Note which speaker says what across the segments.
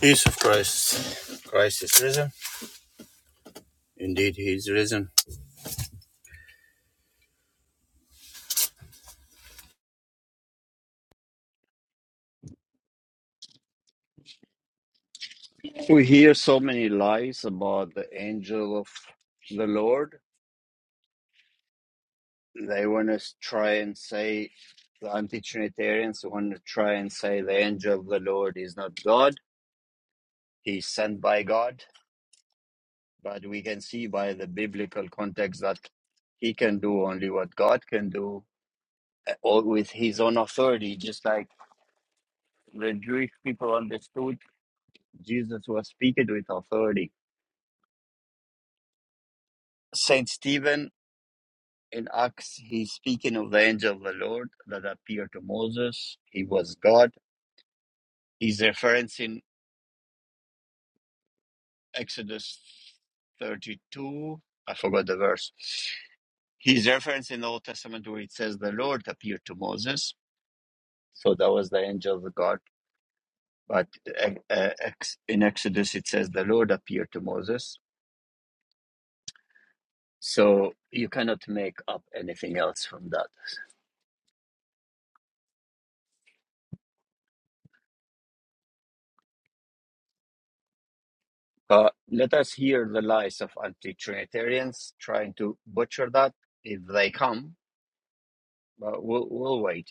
Speaker 1: Peace of Christ. Christ is risen. Indeed, he is risen. We hear so many lies about the angel of the Lord. They want to try and say, the anti Trinitarians want to try and say the angel of the Lord is not God, he's sent by God. But we can see by the biblical context that he can do only what God can do, uh, or with his own authority, just like the Jewish people understood Jesus was speaking with authority Saint Stephen in Acts, he's speaking of the angel of the Lord that appeared to Moses. He was God. He's referencing Exodus 32. I forgot the verse. He's referencing the Old Testament where it says the Lord appeared to Moses. So that was the angel of God. But uh, uh, ex- in Exodus, it says the Lord appeared to Moses. So you cannot make up anything else from that. Uh, let us hear the lies of anti-Trinitarians trying to butcher that if they come. But we'll we'll wait.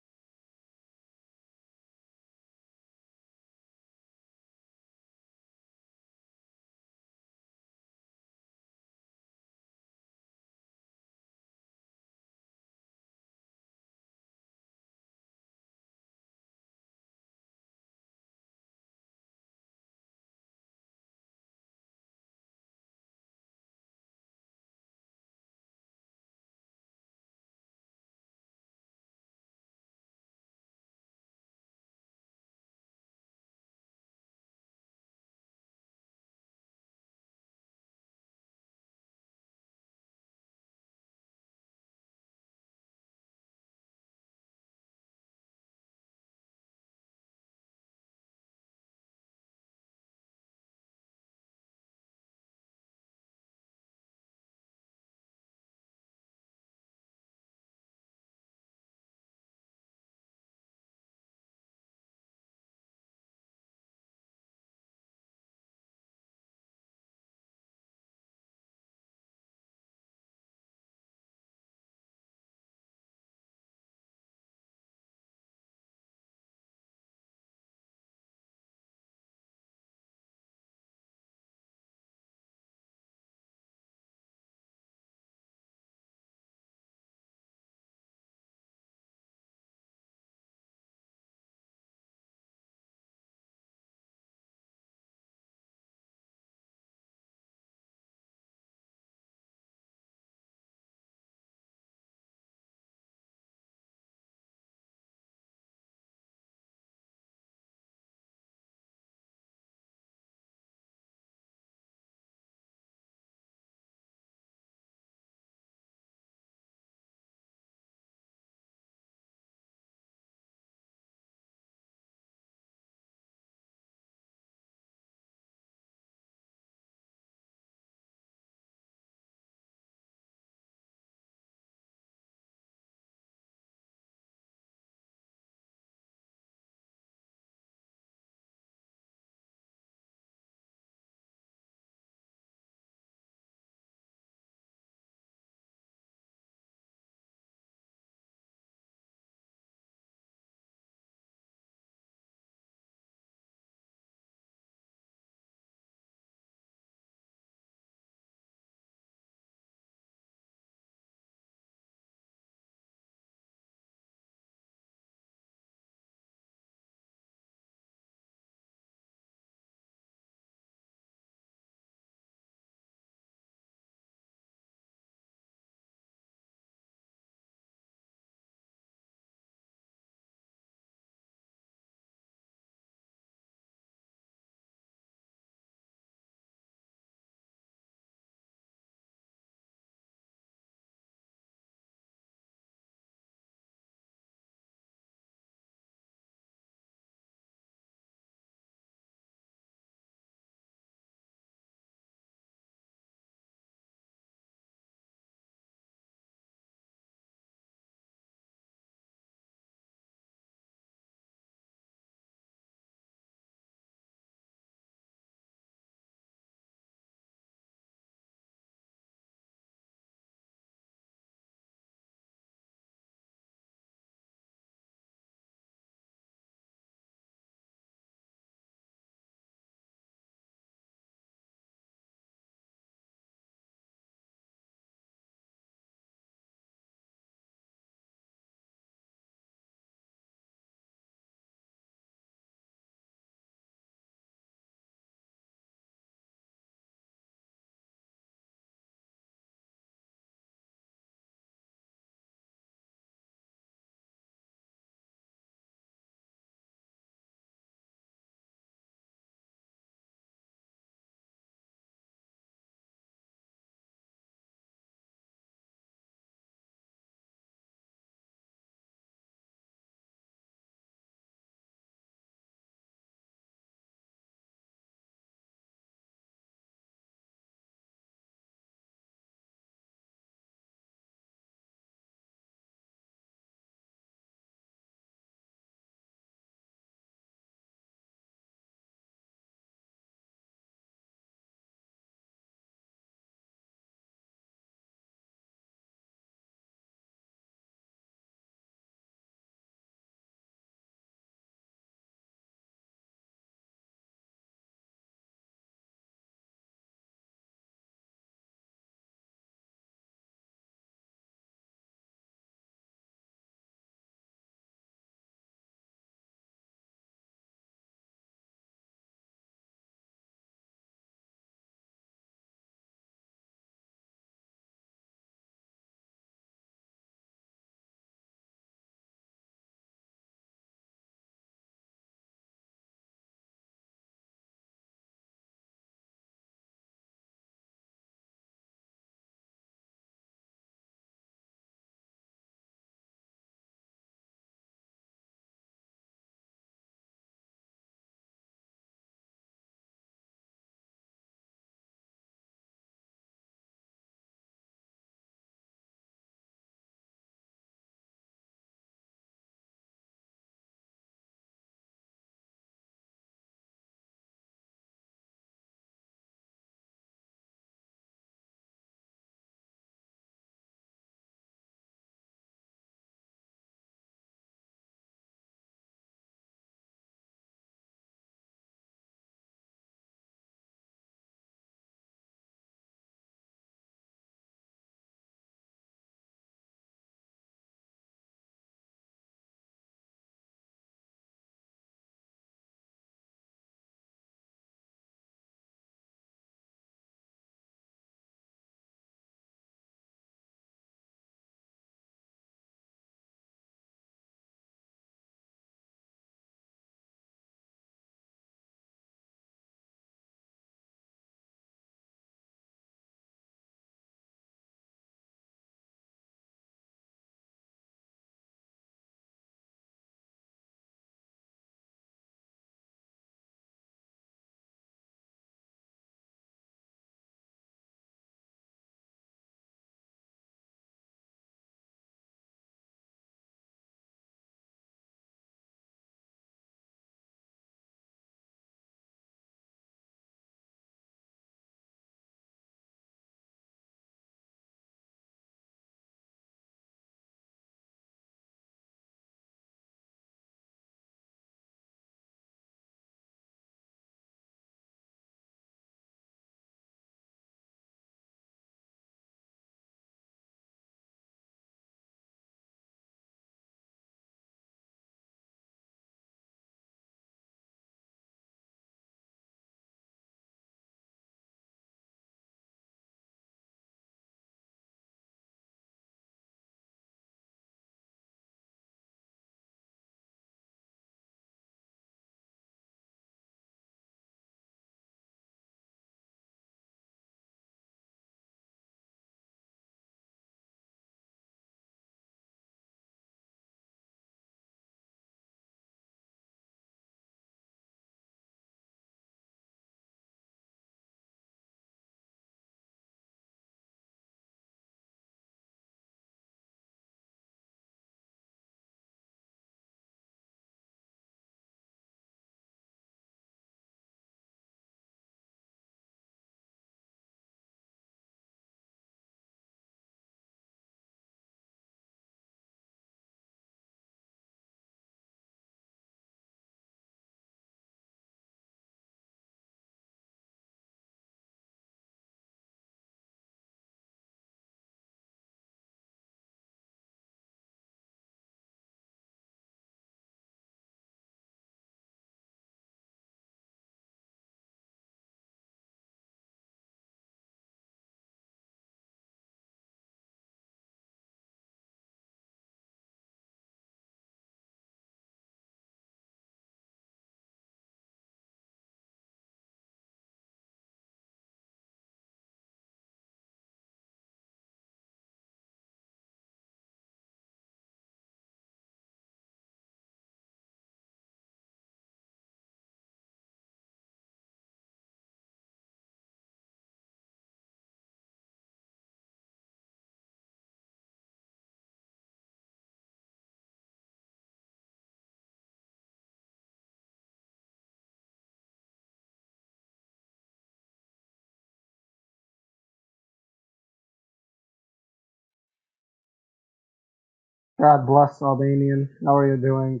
Speaker 2: God bless Albanian. How are you doing?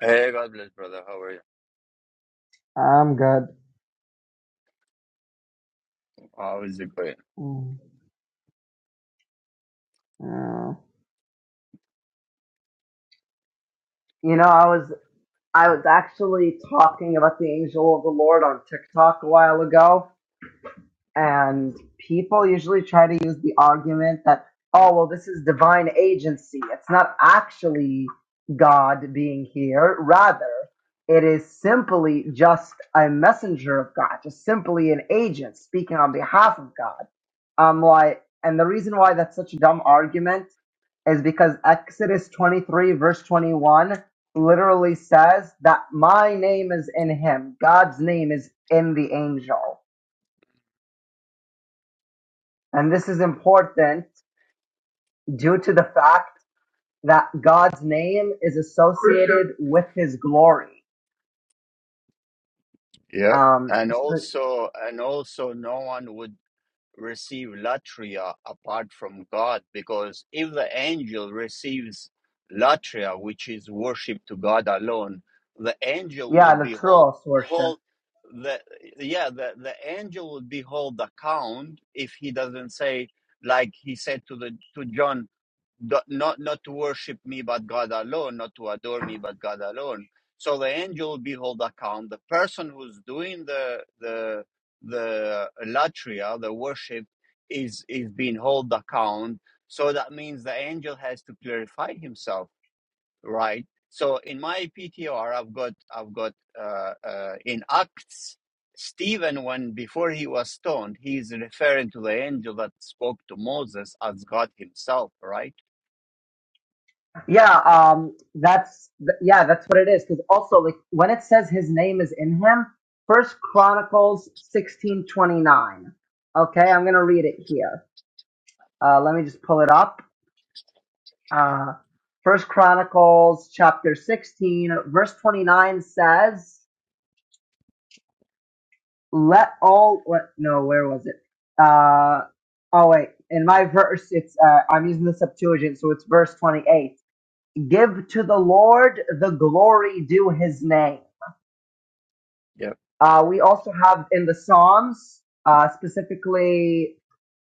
Speaker 1: Hey, God bless, brother. How are you?
Speaker 2: I'm good.
Speaker 1: How is it going?
Speaker 2: Mm, yeah. You know, I was I was actually talking about the angel of the Lord on TikTok a while ago, And people usually try to use the argument that, oh, well, this is divine agency. It's not actually God being here. Rather, it is simply just a messenger of God, just simply an agent speaking on behalf of God. Um, like, and the reason why that's such a dumb argument is because Exodus 23, verse 21, literally says that my name is in him, God's name is in the angel. And this is important due to the fact that God's name is associated with his glory.
Speaker 1: Yep.
Speaker 2: Um,
Speaker 1: And also, and also, no one would receive latria apart from God, because if the angel receives latria, which is worship to God alone, the angel will
Speaker 2: yeah, the
Speaker 1: be hold
Speaker 2: true worship.
Speaker 1: hold the yeah the the angel will be hold account if he doesn't say like he said to the to John do- not not to worship me but God alone, not to adore me but God alone. So the angel will be hold account. The person who's doing the the the latria, the worship, is is being hold account. So that means the angel has to clarify himself, right? So in my PTR, I've got I've got uh, uh, in Acts. Stephen, when before he was stoned, he is referring to the angel that spoke to Moses as God Himself, right?
Speaker 2: Yeah, um, that's, yeah, that's what it is. Cause also like when it says his name is in him, first Chronicles 16 29. Okay. I'm going to read it here. Uh, let me just pull it up. Uh, First Chronicles chapter 16, verse 29 says, let all what no where was it uh oh wait in my verse it's uh, i'm using the septuagint so it's verse 28 give to the lord the glory due his name uh we also have in the psalms uh specifically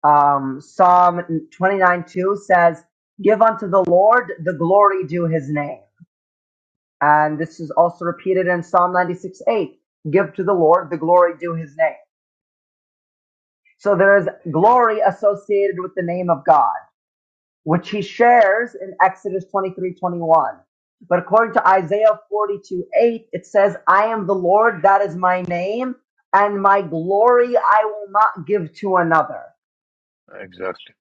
Speaker 2: um psalm 29 2 says give unto the lord the glory due his name and this is also repeated in psalm 96 8 give to the lord the glory due his name So there is glory associated with the name of God, which he shares in Exodus 23 21. But according to Isaiah 42, 8, it says, I am the Lord, that is my name, and my glory I will not give to another.
Speaker 1: Exactly.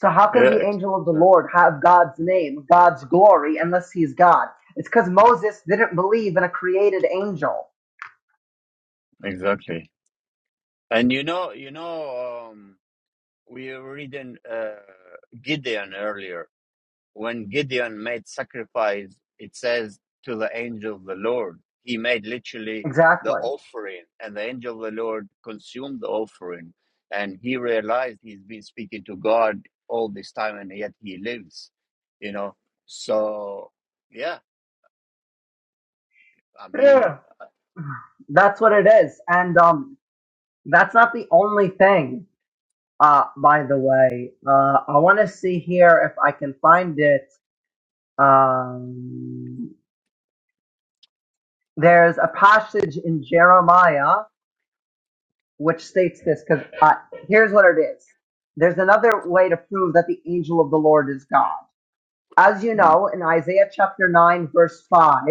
Speaker 2: So how can
Speaker 1: Yeah,
Speaker 2: the
Speaker 1: ex-
Speaker 2: angel of the
Speaker 1: exactly.
Speaker 2: Lord have God's name, God's glory, unless he's God? It's because Moses didn't believe in a created angel.
Speaker 1: Exactly. And you know, you know, um, we were reading uh, Gideon earlier. When Gideon made sacrifice, it says to the angel of the Lord, he made literally the
Speaker 2: Exactly.
Speaker 1: offering, and the angel of the Lord consumed the offering. And he realized he's been speaking to God all this time, and yet he lives, you know. So, yeah, I mean,
Speaker 2: Yeah. That's what it is. And um, That's not the only thing, uh, by the way. Uh, I want to see here if I can find it. Um, there's a passage in Jeremiah which states this, because uh, here's what it is. There's another way to prove that the angel of the Lord is God. As you
Speaker 1: mm,
Speaker 2: know, in Isaiah chapter 9, verse 5,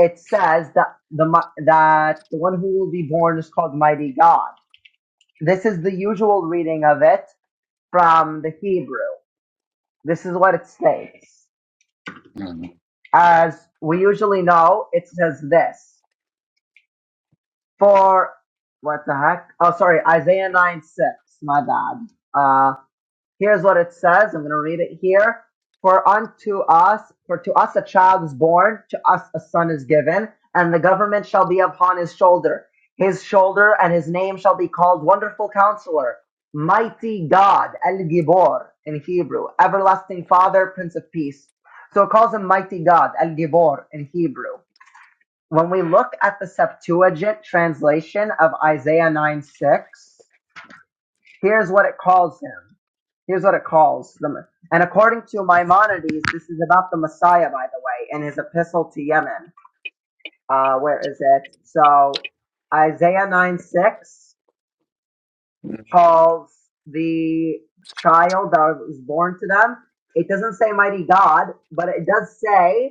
Speaker 2: it says that the, mi- that the one who will be born is called Mighty God. This is the usual reading of it from the Hebrew. This is what it states.
Speaker 1: mm, mm,
Speaker 2: As we usually know, it says this. For what the heck? Oh, sorry, Isaiah 9 6. My bad. Uh. Here's what it says. I'm going to read it here. For unto us, for to us a child is born, to us a son is given, and the government shall be upon his shoulder. His shoulder and his name shall be called Wonderful Counselor, Mighty God, El Gibor in Hebrew, Everlasting Father, Prince of Peace. So it calls him Mighty God, El Gibor in Hebrew. When we look at the Septuagint translation of Isaiah 9 6, Here's what it calls him. Here's what it calls them. And according to Maimonides, this is about the Messiah, by the way, in his epistle to Yemen. Uh, where is it? So Isaiah 9 6
Speaker 1: mm,
Speaker 2: calls the child that was born to them. It doesn't say mighty God, but it does say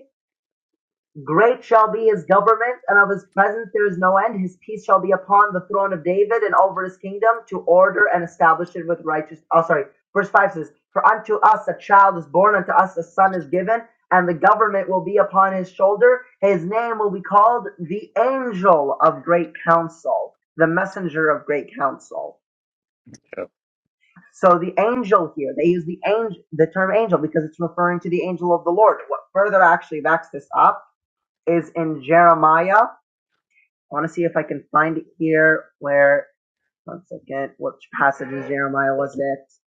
Speaker 2: Great shall be his government, and of his presence there is no end. His peace shall be upon the throne of David and over his kingdom to order and establish it with righteous. Oh, sorry. Verse 5 says, For unto us a child is born, unto us a son is given, and the government will be upon his shoulder. His name will be called the angel of great counsel, the messenger of great counsel.
Speaker 1: yeah,
Speaker 2: So the angel here, they use the angel, the term angel because it's referring to the angel of the Lord. What further actually backs this up is in Jeremiah I want to see if I can find it here. Where? One second. Which passage in Jeremiah was it?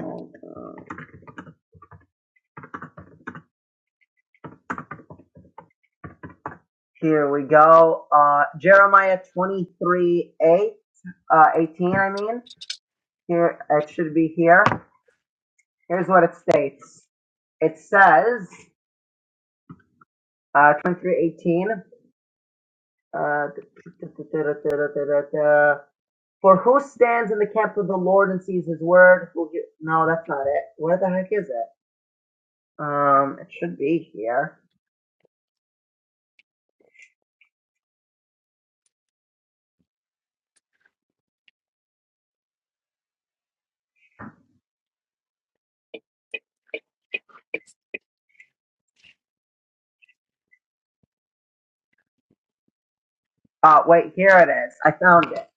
Speaker 2: Um, uh, here we go. Uh, Jeremiah 23 a uh, 18. I mean, here it should be here. Here's what it states. It says uh, 23 18. Uh, for who stands in the camp of the Lord and sees His word? Who gi- no, that's not it. Where the heck is it? Um, it should be here. Uh, wait, here it is. I found it.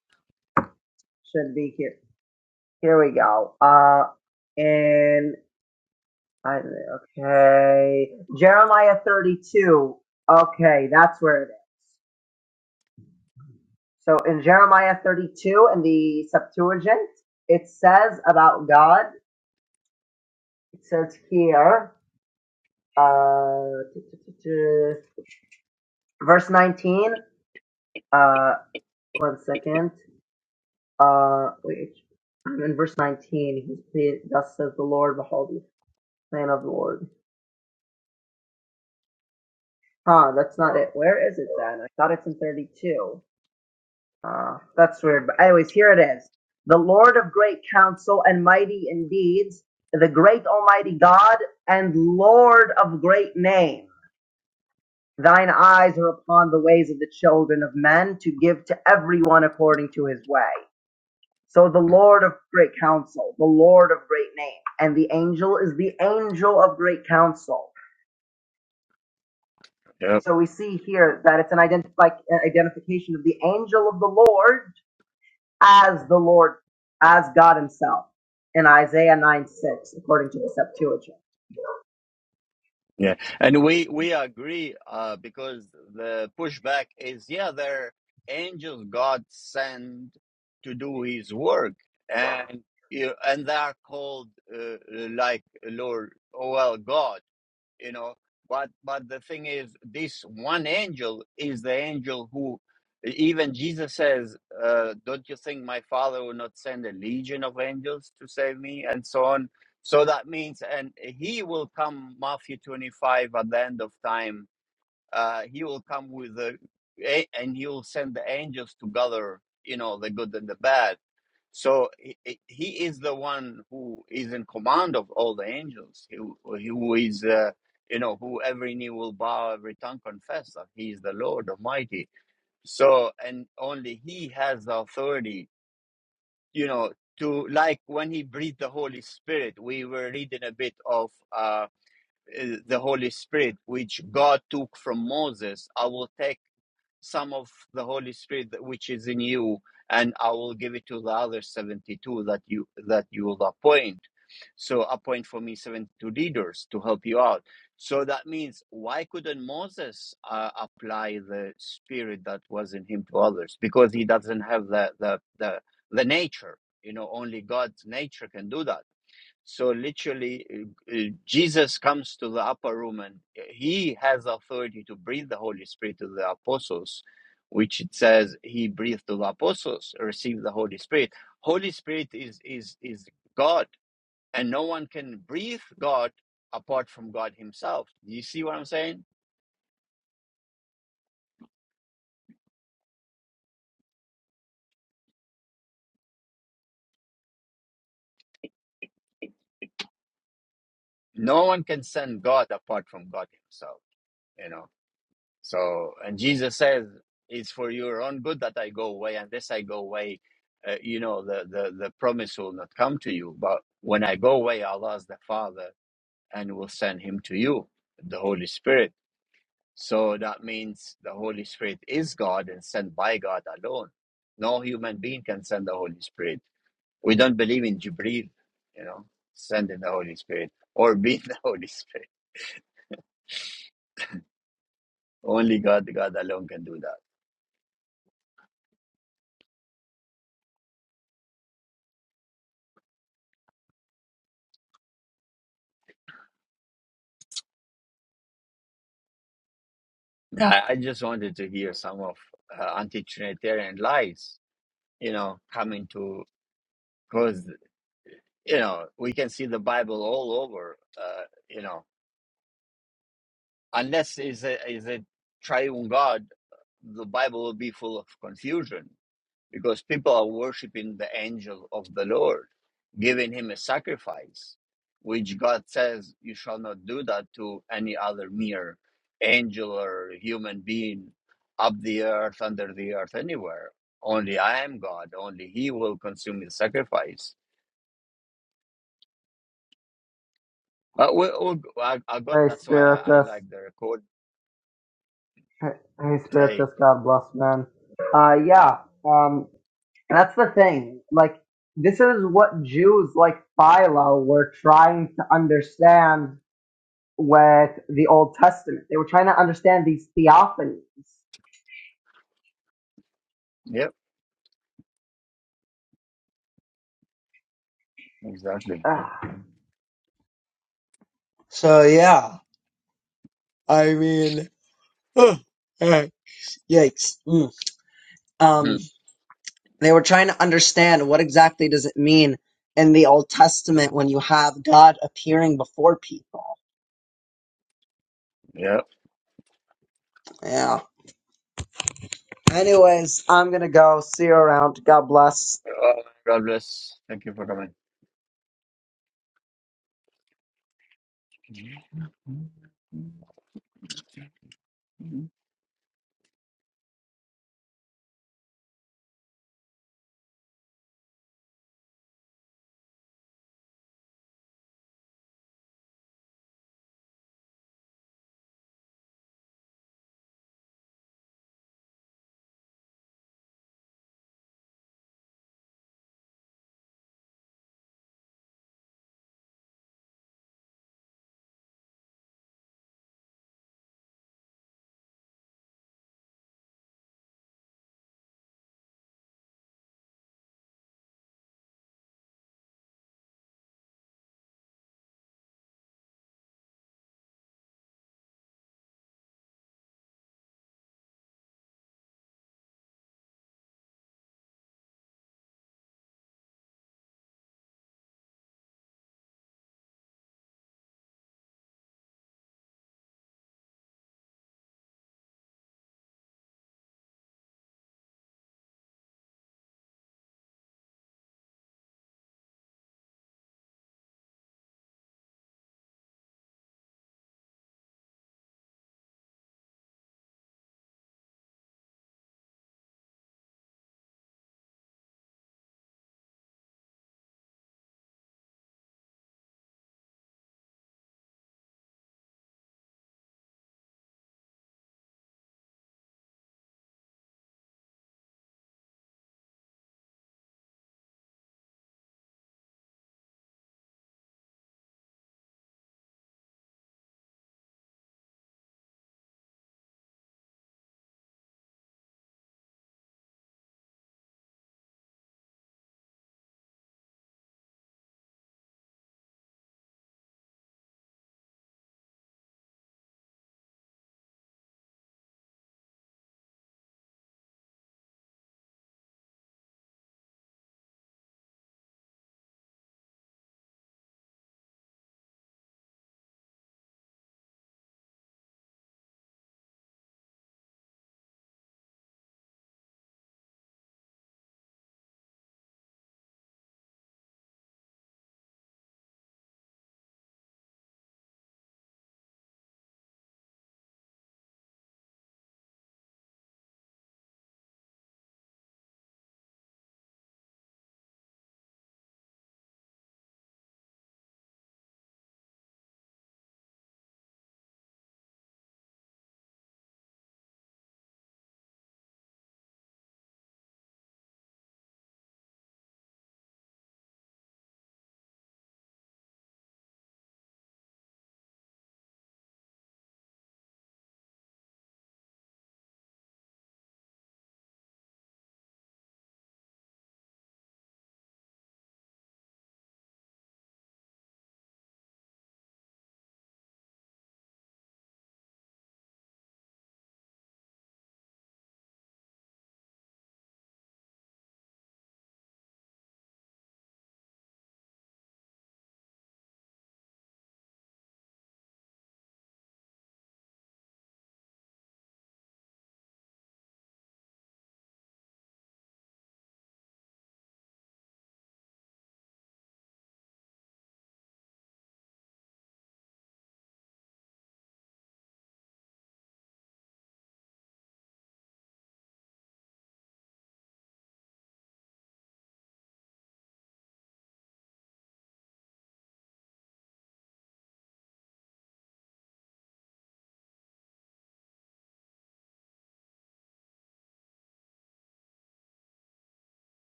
Speaker 2: Should be here. Here we go. Uh, in I okay, Jeremiah 32. Okay, that's where it is. So in Jeremiah 32 in the Septuagint, it says about God. It says here, uh, verse 19. Uh, one second. Uh, wait. I'm In verse 19, he, he- thus says the Lord, behold, Plan of the Lord. Huh, that's not it. Where is it then? I thought it's in 32. Uh, that's weird. But anyways, here it is. The Lord of great counsel and mighty in deeds, the great almighty God and Lord of great name. Thine eyes are upon the ways of the children of men to give to everyone according to his way. So the
Speaker 1: mm,
Speaker 2: Lord of great counsel, the Lord of great name, and the angel is the angel of great counsel.
Speaker 1: yeah.
Speaker 2: So we see here that it's an identi- like uh, identification of the angel of the Lord as the Lord, as God Himself in Isaiah 9 6, according to the Septuagint.
Speaker 1: Yeah, and we we agree uh, because the pushback is yeah, they're angels God sent to do His work, and you and they are called uh, like Lord, oh well, God you know but but the thing is this one angel is the angel who even jesus says uh, don't you think my father will not send a legion of angels to save me and so on so that means and he will come matthew 25 at the end of time uh, he will come with the and he will send the angels to gather you know the good and the bad so he, he is the one who is in command of all the angels he, he who is uh, you know who every knee will bow every tongue confess that he is the lord almighty so and only he has the authority you know to like when he breathed the holy spirit we were reading a bit of uh, uh, the Holy Spirit, which God took from Moses, I will take some of the Holy Spirit that- which is in you, and I will give it to the other seventy-two that you that you will appoint. So appoint for me seventy-two leaders to help you out. So that means why couldn't Moses uh, apply the Spirit that was in him to others because he doesn't have the the the, the nature. You know, only God's nature can do that. So literally, uh, uh, Jesus comes to the upper room and uh, he has authority to breathe the Holy Spirit to the apostles, which it says he breathed to the apostles, receive the Holy Spirit. Holy Spirit is is is God, and no one can breathe God apart from God Himself. Do you see what I'm saying? No one can send God apart from God Himself. You know So, and Jesus says, "It's for your own good that I go away. Unless I go away, uh, you know, the, the the promise will not come to you. But when I go away, Allah will the Father, and will send Him to you, the Holy Spirit. So that means the Holy Spirit is God and sent by God alone. No human being can send the Holy Spirit. We don't believe in Jibreel, you know, sending the Holy Spirit or being the Holy Spirit. Only God, God alone can do that." No, I, I just wanted to hear some of uh, anti-Trinitarian lies, you know, coming to because you know we can see the Bible all over, uh, you know, unless is a is a triune God, the Bible will be full of confusion. because people are worshiping the angel of the Lord, giving him a sacrifice, which God says you shall not do that to any other mere angel or human being up the earth, under the earth, anywhere. Only I am God. Only He will consume the sacrifice. Uh, we, we, I, I got
Speaker 2: Hey,
Speaker 1: that's why I, I
Speaker 2: Spiritus.
Speaker 1: like the record.
Speaker 2: Hey, hey,
Speaker 1: Hey,
Speaker 2: Spiritus. God bless, man. Uh, yeah. Um, that's the thing. Like, this is what Jews like Philo were trying to understand with the Old Testament. They were trying to understand these theophanies.
Speaker 1: yep, exactly.
Speaker 2: Ugh. So yeah. I mean, ugh, eh, yikes. Mm. Um,
Speaker 1: Mhm.
Speaker 2: they were trying to understand what exactly does it mean in the Old Testament when you have God appearing before people.
Speaker 1: Yep.
Speaker 2: Yeah. Anyways, I'm gonna go. See you around. God bless.
Speaker 1: Uh, God bless. Thank you for coming.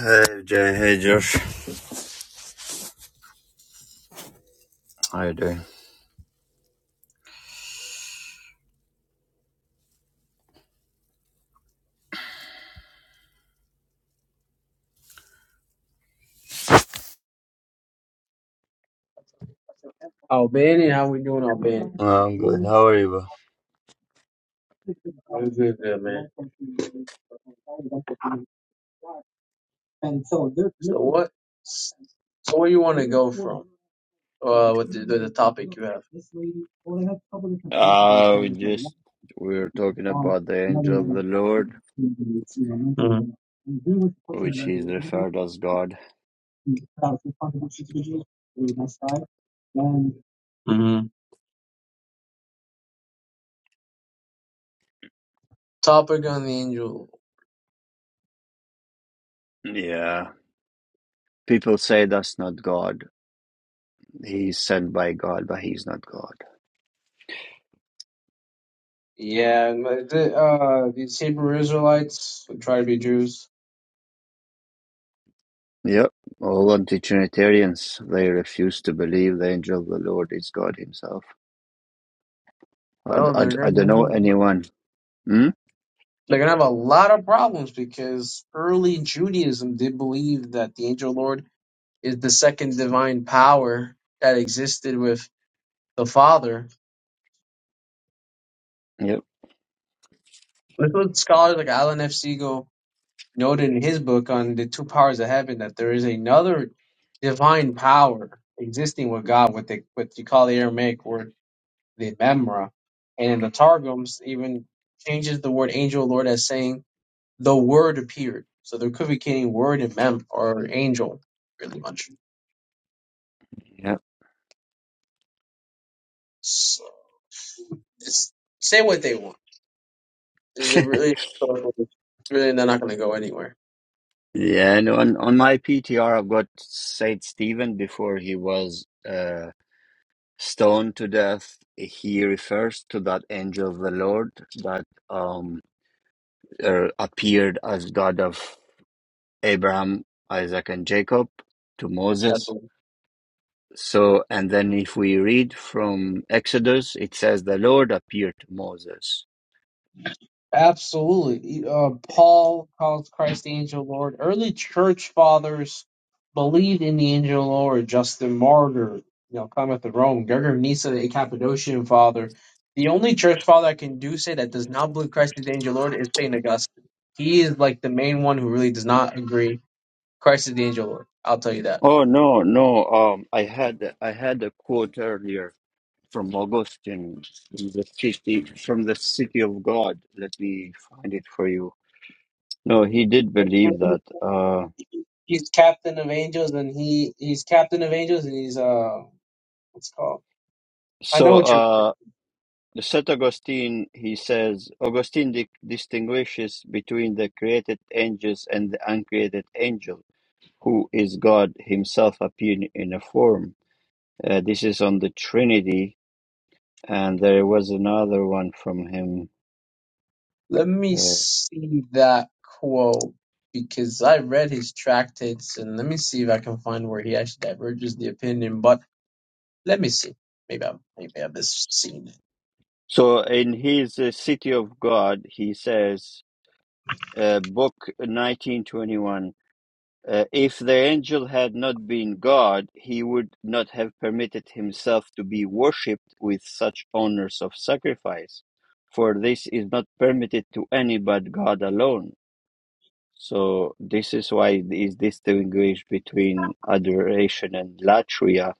Speaker 1: Hey Jay, hey Josh. How you doing?
Speaker 3: Albany, how we doing, Albany?
Speaker 1: I'm good. How are you?
Speaker 3: I'm good, good man. So what? So where you want to go from? Uh, with the, the, the topic you have? Mhm.
Speaker 1: bro? Uh, we just we were talking about the angel of the Lord, which is referred as God.
Speaker 3: Mhm. Topic on the angel.
Speaker 1: Yeah. People say that's not God. He's sent by God, but he's not God.
Speaker 3: Yeah, but the, uh, these Hebrew Israelites who try to be Jews,
Speaker 1: Yep. All anti-Trinitarians they refuse to believe the angel of the Lord is God himself.
Speaker 3: well,
Speaker 1: I, I,
Speaker 3: they're
Speaker 1: I
Speaker 3: gonna
Speaker 1: don't know
Speaker 3: have,
Speaker 1: anyone. Hmm?
Speaker 3: they're gonna have a lot of problems because early Judaism did believe that the angel Lord is the second divine power that existed with the Father.
Speaker 1: Yep.
Speaker 3: This is what scholars like Alan F. Siegel noted in his book on the two powers of heaven that there is another divine power existing with God, what they what you call the Aramaic word the Mamre, and in the Targums even changes the word angel Lord as saying the word appeared. So there could be any word in Mem or angel really much.
Speaker 1: Yep.
Speaker 3: So it's say what they want. They really, really they're not going to go anywhere.
Speaker 1: Yeah, and on, on my PTR, I've got Saint Stephen before he was. uh stoned to death he refers to that angel of the lord that um er, appeared as god of abraham isaac and jacob to
Speaker 3: That's
Speaker 1: moses
Speaker 3: what
Speaker 1: so and then if we read from exodus it says the lord appeared to moses
Speaker 3: Absolutely. Uh, Paul calls Christ the angel Lord. Early church fathers believed in the angel Lord. Justin Martyr, you know, cometh to Rome. Gregor of Nyssa, a Cappadocian father. The only church father I can do say that does not believe Christ is the angel Lord is Saint Augustine. He is like the main one who really does not agree Christ is the angel Lord. I'll tell you that.
Speaker 1: oh no no um i had i had a quote earlier from augustine from the city from the city of god let me find it for you no he did believe
Speaker 3: Mhm.
Speaker 1: that Uh.
Speaker 3: He's captain of angels, and he he's captain of angels, and he's uh, what's it called? I know
Speaker 1: So,
Speaker 3: what you're saying.
Speaker 1: uh, St. Augustine, he says, Augustine di- distinguishes between the created angels and the uncreated angel, who is God himself appearing in a form. Uh, this is on the Trinity, and there was another one from him.
Speaker 3: Let me
Speaker 1: Uh,
Speaker 3: see that quote because I read his tractates and let me see if I can find where he actually diverges the opinion. But let me see. Maybe I'm maybe I've just seen it.
Speaker 1: so, in his uh, City of God, he says, uh, Book 1921. Uh, if the angel had not been God, he would not have permitted himself to be worshipped with such honors of sacrifice, for this is not permitted to any but God alone. So this is why it is distinguished between adoration and latria,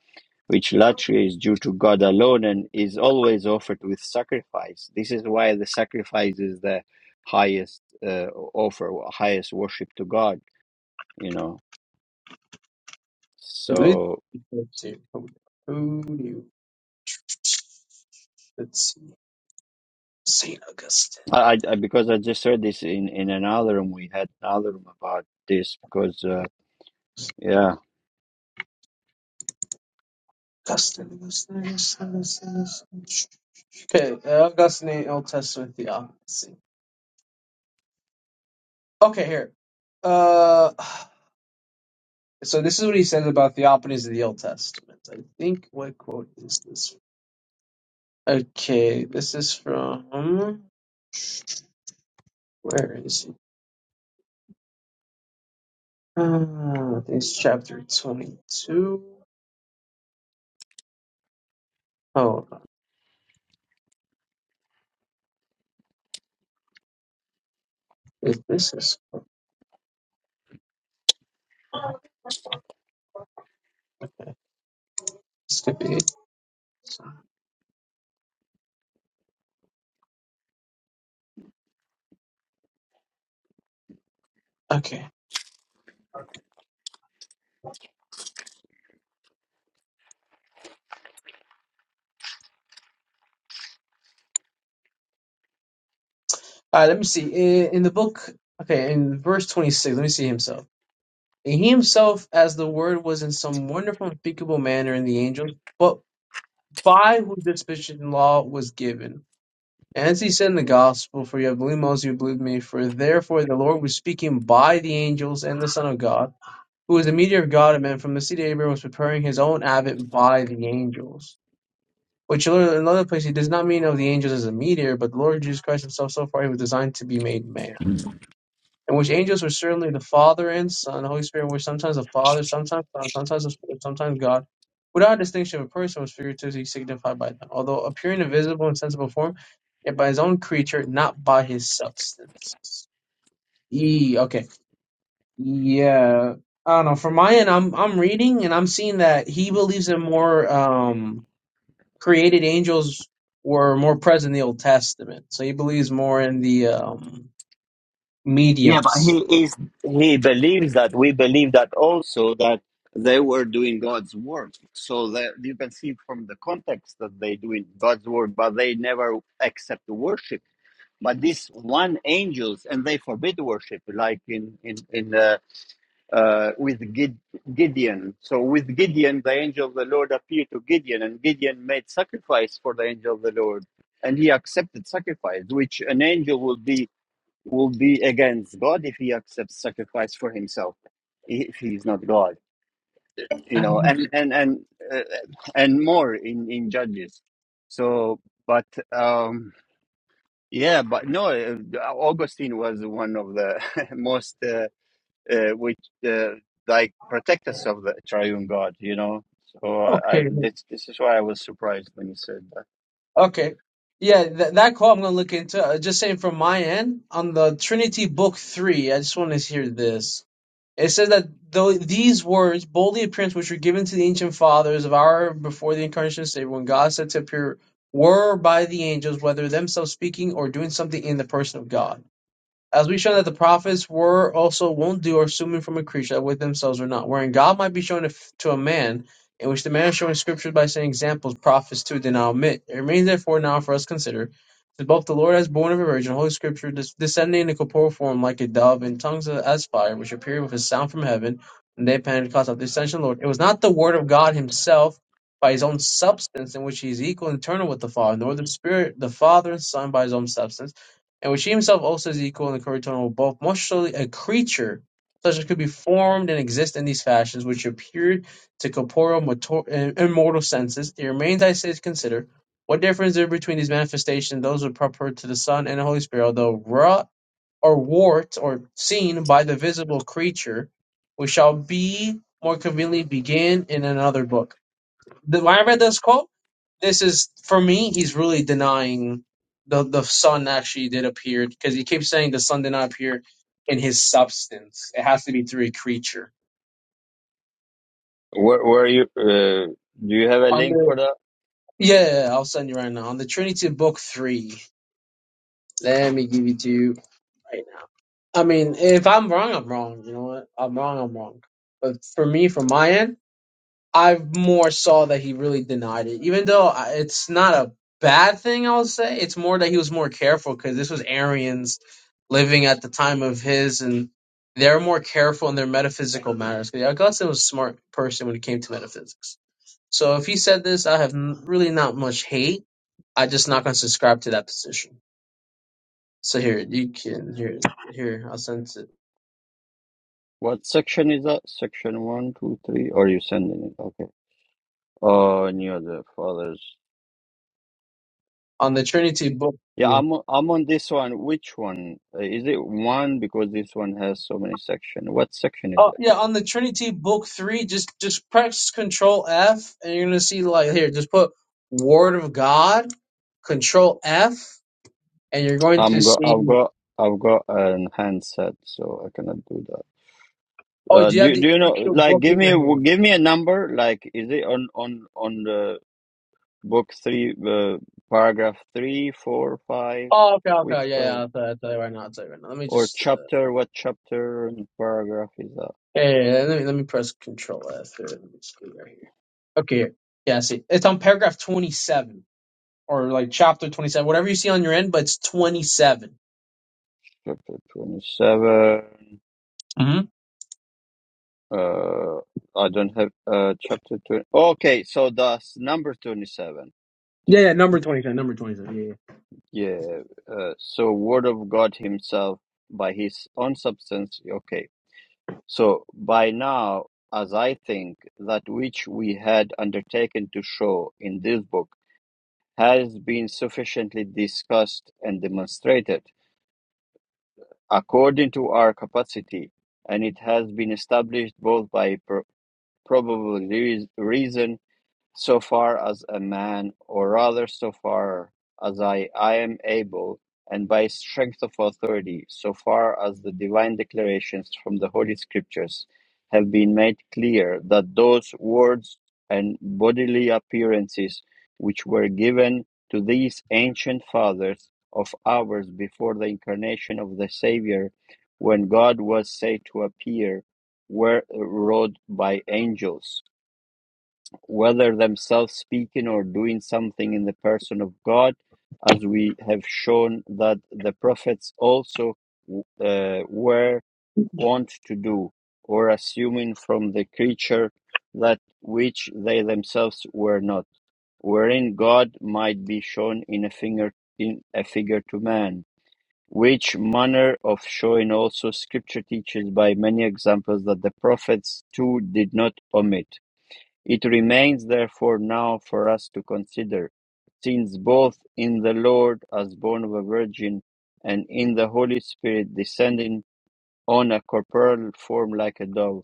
Speaker 1: which latria is due to God alone and is always offered with sacrifice. This is why the sacrifice is the highest uh, offer, highest worship to God. You know,
Speaker 3: Let me
Speaker 1: so
Speaker 3: let's see. Who who do you let's see. Saint Augustine.
Speaker 1: I, I because I just heard this in in another room. We had another room about this because uh, yeah,
Speaker 3: Augustine, Augustine, Augustine, Augustine. Augustine. Okay, uh, Augustine, Old Testament theophany. Okay, here. Uh, so this is what he says about theophanies of the Old Testament. I think what quote is this Okay, this is from where is it? Ah, this is chapter twenty-two. Hold on, is this is this could be it. Okay. All right, let me see. In, in the book, okay, in verse twenty-six, let me see himself. And he himself, as the word was in some wonderful, unspeakable manner in the angels, but by whose disposition law was given. And as he said in the gospel, for you have believed Moses, you have believed me, for therefore the Lord was speaking by the angels and the Son of God. who was a meteor of God and man, from the seed of Abraham was preparing his own abbot by the angels. Which in another place he does not mean of the angels as a meteor, but the Lord Jesus Christ himself so far he was designed to be made man. In which angels were certainly the Father and Son, the Holy Spirit in which sometimes the Father, sometimes Son, sometimes the Spirit, sometimes God. Without distinction of a person was figuratively signified by them, although appearing in visible and sensible form, yet by his own creature, not by his substance. E, okay. Yeah, I don't know. From my end, I'm I'm reading and I'm seeing that he believes in more um, created angels were more present in the Old Testament. So he believes more in the um,
Speaker 1: yeah. But
Speaker 3: mediums.
Speaker 1: he is he believes that we believe that also that they were doing God's work. So that you can see from the context that they doing God's work, but they never accept the worship. But this one angels and they forbid worship, like in in in uh, uh, with Gideon. So with Gideon, the angel of the Lord appeared to Gideon, and Gideon made sacrifice for the angel of the Lord, and he accepted sacrifice, which an angel will be will be against God if he accepts sacrifice for himself, if he's not God, you know, and and and uh, and more in in Judges. So, but. um yeah, but no, uh, Augustine was one of the most uh, uh, which uh, like protect us of the triune God, you know. So I
Speaker 3: Okay.
Speaker 1: this this is why I was surprised when you said that.
Speaker 3: Okay. Yeah, th that call I'm going to look into. Uh, just saying from my end, on the Trinity Book 3, I just want to hear this. It says that though these words, boldly appearance, which were given to the ancient fathers of our before the incarnation of Savior, when God said to appear, were by the angels, whether themselves speaking or doing something in the person of God. As we shown that the prophets were also won't do or assuming from a creature that with themselves or not, wherein God might be shown to a man, in which the man is showing scriptures by saying examples, prophets too did not omit. It remains therefore now for us to consider that both the Lord as born of a virgin, Holy Scripture descending in a corporeal form like a dove, and tongues as fire, which appeared with a sound from heaven, and they Pentecost of the ascension of the Lord. It was not the word of God himself by his own substance in which he is equal and eternal with the Father, nor the Spirit, the Father and Son by his own substance and which he himself also is equal in the coeternal of both, most surely a creature such as could be formed and exist in these fashions, which appeared to corporeal mator- eh, immortal senses. It remains, I say, to consider what difference there is between these manifestations and those proper to the Son and the Holy Spirit, although wrought or warped or seen by the visible creature, which shall be more conveniently begin in another book. The, when I read this quote, this is for me. He's really denying the the sun actually did appear because he keeps saying the sun did not appear in his substance. It has to be through a creature.
Speaker 1: Where where you uh, do you have a
Speaker 3: On
Speaker 1: link
Speaker 3: the
Speaker 1: for that?
Speaker 3: yeah, yeah, yeah, I'll send you right now on the Trinity Book three. Let me give it to you right now. I mean, if I'm wrong, I'm wrong. You know what? I'm wrong. I'm wrong. But for me, from my end. I more saw that he really denied it, even though I- it's not a bad thing. I'll say it's more that he was more careful because this was Arians living at the time of his, and they're more careful in their metaphysical matters. 'Cause Augustine was a smart person when it came to metaphysics. So if he said this, I have n- really not much hate. I just not gonna subscribe to that position. So here you can here here I'll send it
Speaker 1: What section is that? Section one, two, three, or you sending it? Okay. Oh, any other fathers?
Speaker 3: on the Trinity book.
Speaker 1: Yeah, I'm o- I'm on this one. Which one Uh, is it? One because this one has so many sections. What section is
Speaker 3: Oh
Speaker 1: it?
Speaker 3: yeah, on the Trinity Book Three, just just press Control F, and you're gonna see like here. Just put Word of God, Control F, and you're going to
Speaker 1: I'm go
Speaker 3: see.
Speaker 1: I've got I've got an handset, so I cannot do that.
Speaker 3: Oh,
Speaker 1: Uh,
Speaker 3: do you have
Speaker 1: do
Speaker 3: the
Speaker 1: do you know?
Speaker 3: actual
Speaker 1: Like,
Speaker 3: book
Speaker 1: give
Speaker 3: in
Speaker 1: me
Speaker 3: your hand?
Speaker 1: give me a number. Like, is it on on on the book three, uh, paragraph three, four, five?
Speaker 3: Oh, okay, okay,
Speaker 1: Which
Speaker 3: yeah, yeah.
Speaker 1: paragraph
Speaker 3: I'll tell, I'll tell you right now. I'll tell you right now. Let me
Speaker 1: or
Speaker 3: just. Uh,
Speaker 1: chapter? What chapter and paragraph is that?
Speaker 3: yeah, yeah, yeah, let me let me press Control F here. Let me just go right here. Okay, here. yeah. See, it's on paragraph twenty-seven or like chapter twenty-seven, whatever you see on your end, but it's 27
Speaker 1: Chapter twenty-seven.
Speaker 3: Mm-hmm.
Speaker 1: Uh, I don't have uh chapter twenty. Okay, so that's number twenty-seven.
Speaker 3: Yeah, yeah,
Speaker 1: Yeah. Uh, so word of God Himself by His own substance. Okay So by now, as I think, that which we had undertaken to show in this book has been sufficiently discussed and demonstrated according to our capacity, and it has been established both by pro- probable reas- reason so far as a man, or rather so far as I, I am able, and by strength of authority, so far as the divine declarations from the Holy Scriptures have been made clear that those words and bodily appearances which were given to these ancient fathers of ours before the incarnation of the Savior, when God was said to appear, were wrought by angels whether themselves speaking or doing something in the person of God, as we have shown that the prophets also uh, were wont to do, or assuming from the creature that which they themselves were not, wherein God might be shown in a finger in a figure to man. Which manner of showing also Scripture teaches by many examples that the prophets too did not omit it remains therefore now for us to consider, since both in the Lord as born of a virgin, and in the Holy Spirit descending on a corporeal form like a dove,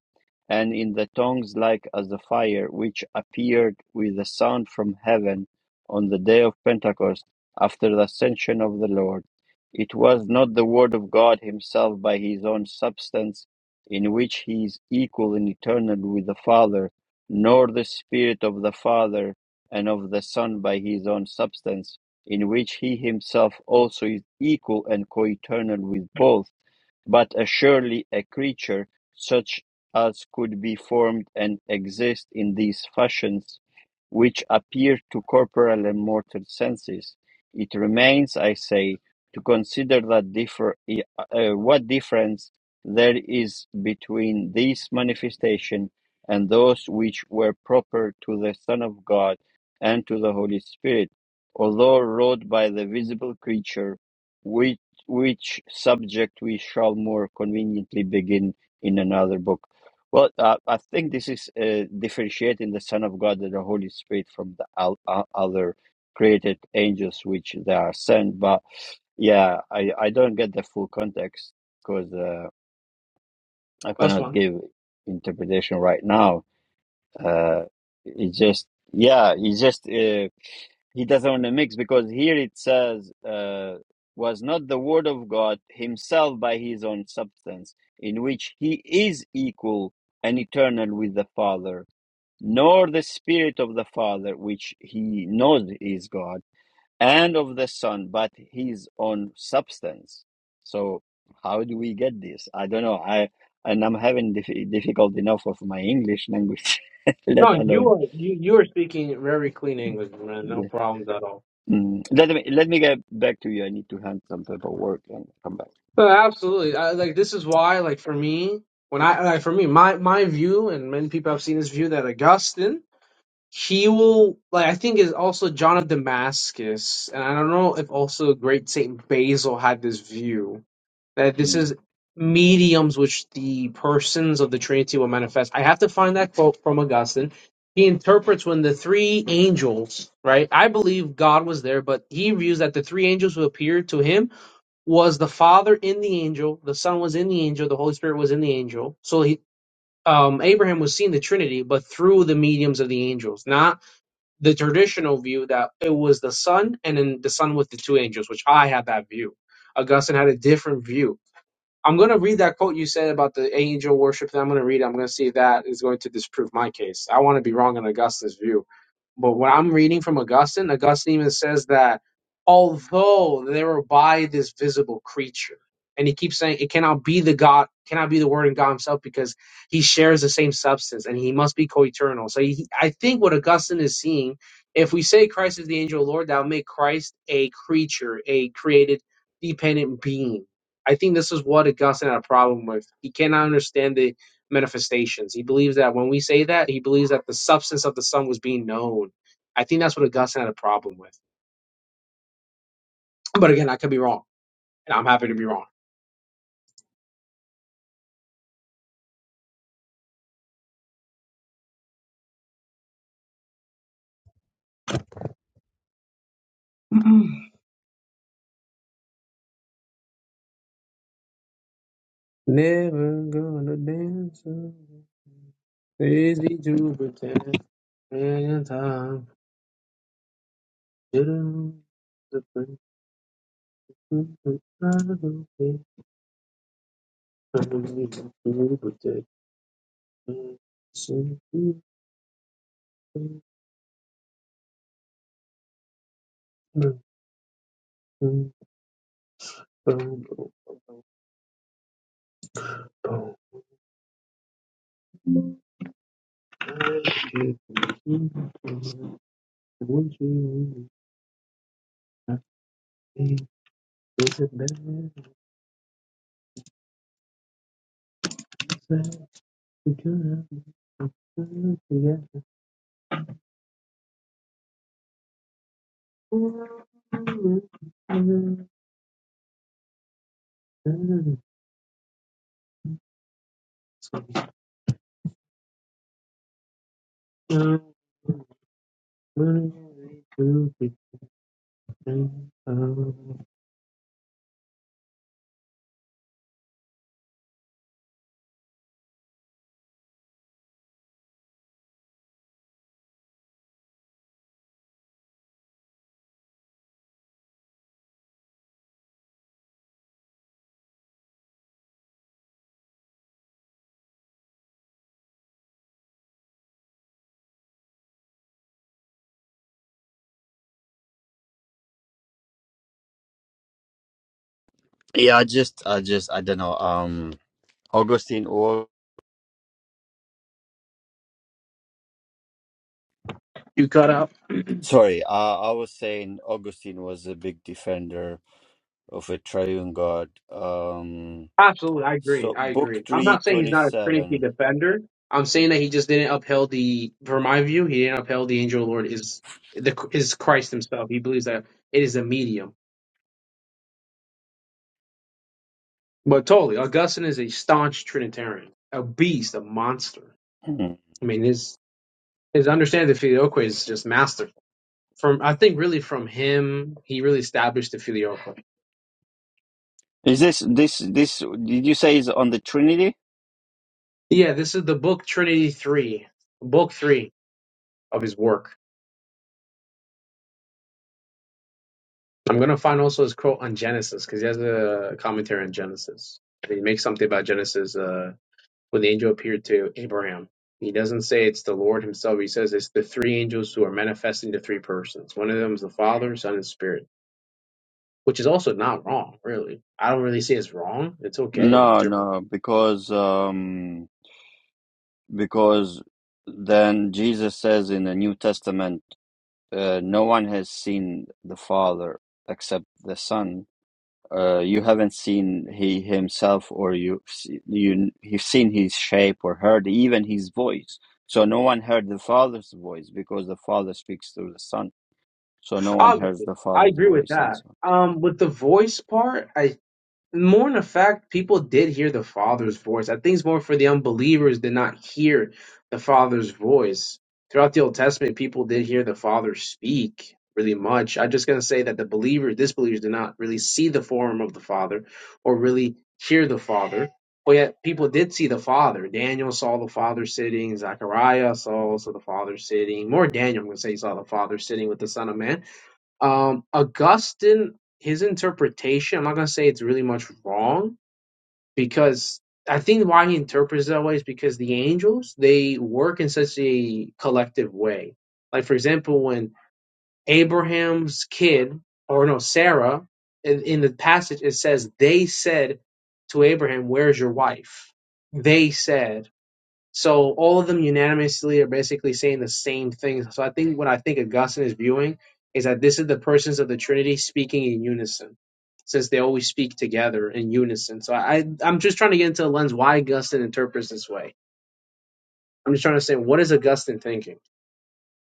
Speaker 1: and in the tongues like as the fire, which appeared with a sound from heaven on the day of Pentecost after the ascension of the Lord. It was not the word of God himself by his own substance, in which he is equal and eternal with the Father, nor the Spirit of the Father and of the Son by his own substance, in which he himself also is equal and co eternal with both but uh, surely a creature such as could be formed and exist in these fashions, which appear to corporal and mortal senses. It remains, I say, to consider that differ, eh, uh, what difference there is between these manifestations and those which were proper to the Son of God and to the Holy Spirit, although wrought by the visible creature which subject we shall more conveniently begin in another book. Well, uh, I think this is uh, differentiating the Son of God and the Holy Spirit from the al- o- other created angels, which they are sent. But yeah, I, I don't get the full context because uh, I
Speaker 3: that's fine.
Speaker 1: cannot give interpretation right now uh, he just, yeah, he just, uh, he doesn't want to mix because here it says, uh, was not the word of God himself by his own substance, in which he is equal and eternal with the Father, nor the Spirit of the Father, which he knows is God and of the Son, but his own substance. So how do we get this? I don't know. I and I'm having dif- difficult enough of my English language, let
Speaker 3: No, you
Speaker 1: alone.
Speaker 3: are you you are speaking very clean English, man. No
Speaker 1: Yeah.
Speaker 3: problems at all.
Speaker 1: Mm. Let me let me get back to you. I need to hand some paperwork and come back.
Speaker 3: So absolutely, I, like this is why, like for me, when I like for me, my my view, and many people have seen this view that Augustine, he will like I think is also John of Damascus, and I don't know if also Great Saint Basil had this view. that this is
Speaker 1: Mm.
Speaker 3: mediums which the persons of the Trinity will manifest. I have to find that quote from Augustine. He interprets when the three angels, right? I believe God was there, but he views that the three angels who appeared to him was the Father in the angel, the Son was in the angel, the Holy Spirit was in the angel. So he, um, Abraham was seeing the Trinity, but through the mediums of the angels, not the traditional view that it was the Son and then the Son with the two angels, which I had that view. Augustine had a different view I'm going to read that quote you said about the angel worship. That I'm going to read. I'm going to see if that is going to disprove my case. I want to be wrong in Augustine's view, but when I'm reading from Augustine, Augustine even says that although they were by this visible creature, and he keeps saying it cannot be the God, cannot be the Word in God Himself because He shares the same substance and He must be co-eternal. So he, I think what Augustine is seeing, if we say Christ is the angel of the Lord, that will make Christ a creature, a created, dependent being I think this is what Augustine had a problem with. He cannot understand the manifestations. He believes that when we say that, he believes that the substance of the Son was being known. I think that's what Augustine had a problem with. But again, I could be wrong, and I'm happy to be wrong. Never gonna dance, alone, lazy to And time did
Speaker 1: Yeah, I just I just I don't know. Um, Augustine or
Speaker 3: You cut out.
Speaker 1: sorry, uh, I was saying Augustine was a big defender of a triune God. Um,
Speaker 3: Absolutely, I agree.
Speaker 1: so
Speaker 3: I
Speaker 1: book
Speaker 3: agree. I'm
Speaker 1: three
Speaker 3: not saying he's
Speaker 1: twenty
Speaker 3: not a Trinity
Speaker 1: seven.
Speaker 3: defender. I'm saying that he just didn't upheld the, from my view, he didn't upheld the angel of the Lord is the is Christ himself. He believes that it is a medium. But totally, Augustine is a staunch Trinitarian, a beast, a monster.
Speaker 1: Hmm.
Speaker 3: I mean, his his understanding of the filioque is just masterful. From I think really from him, he really established the filioque.
Speaker 1: Is this this this? Did you say is on the Trinity?
Speaker 3: Yeah, this is the book Trinity three, book three of his work. I'm gonna find also his quote on Genesis because he has a commentary on Genesis. And he makes something about Genesis uh, when the angel appeared to Abraham. He doesn't say it's the Lord Himself. He says it's the three angels who are manifesting the three persons. One of them is the Father, Son, and Spirit which is also not wrong, really. I don't really say it's wrong. It's okay in
Speaker 1: No,
Speaker 3: interpretation.
Speaker 1: no, because um, because then Jesus says in the New Testament, uh, no one has seen the Father except the Son. Uh, you haven't seen he himself, or you you you've seen his shape or heard even his voice. So no one heard the Father's voice because the Father speaks through the Son. So no one hears
Speaker 3: Obviously,
Speaker 1: the
Speaker 3: I
Speaker 1: Father's
Speaker 3: agree with
Speaker 1: voice and
Speaker 3: that.
Speaker 1: so.
Speaker 3: Um, with the voice part, I more in the fact people did hear the father's voice i think it's more for the unbelievers did not hear the father's voice throughout the old testament people did hear the father speak really much i'm just going to say that the believers disbelievers did not really see the form of the father or really hear the father but yet people did see the father daniel saw the father sitting zechariah saw also the father sitting more daniel i'm going to say he saw the father sitting with the son of man um augustine his interpretation i'm not going to say it's really much wrong because i think why he interprets that way is because the angels they work in such a collective way like for example when abraham's kid or no sarah in, in the passage it says they said to abraham where's your wife they said so all of them unanimously are basically saying the same thing. So I think what I think Augustine is viewing is that this is the persons of the Trinity speaking in unison, since they always speak together in unison. So I, I'm just trying to get into a lens why Augustine interprets this way. I'm just trying to say what is Augustine thinking?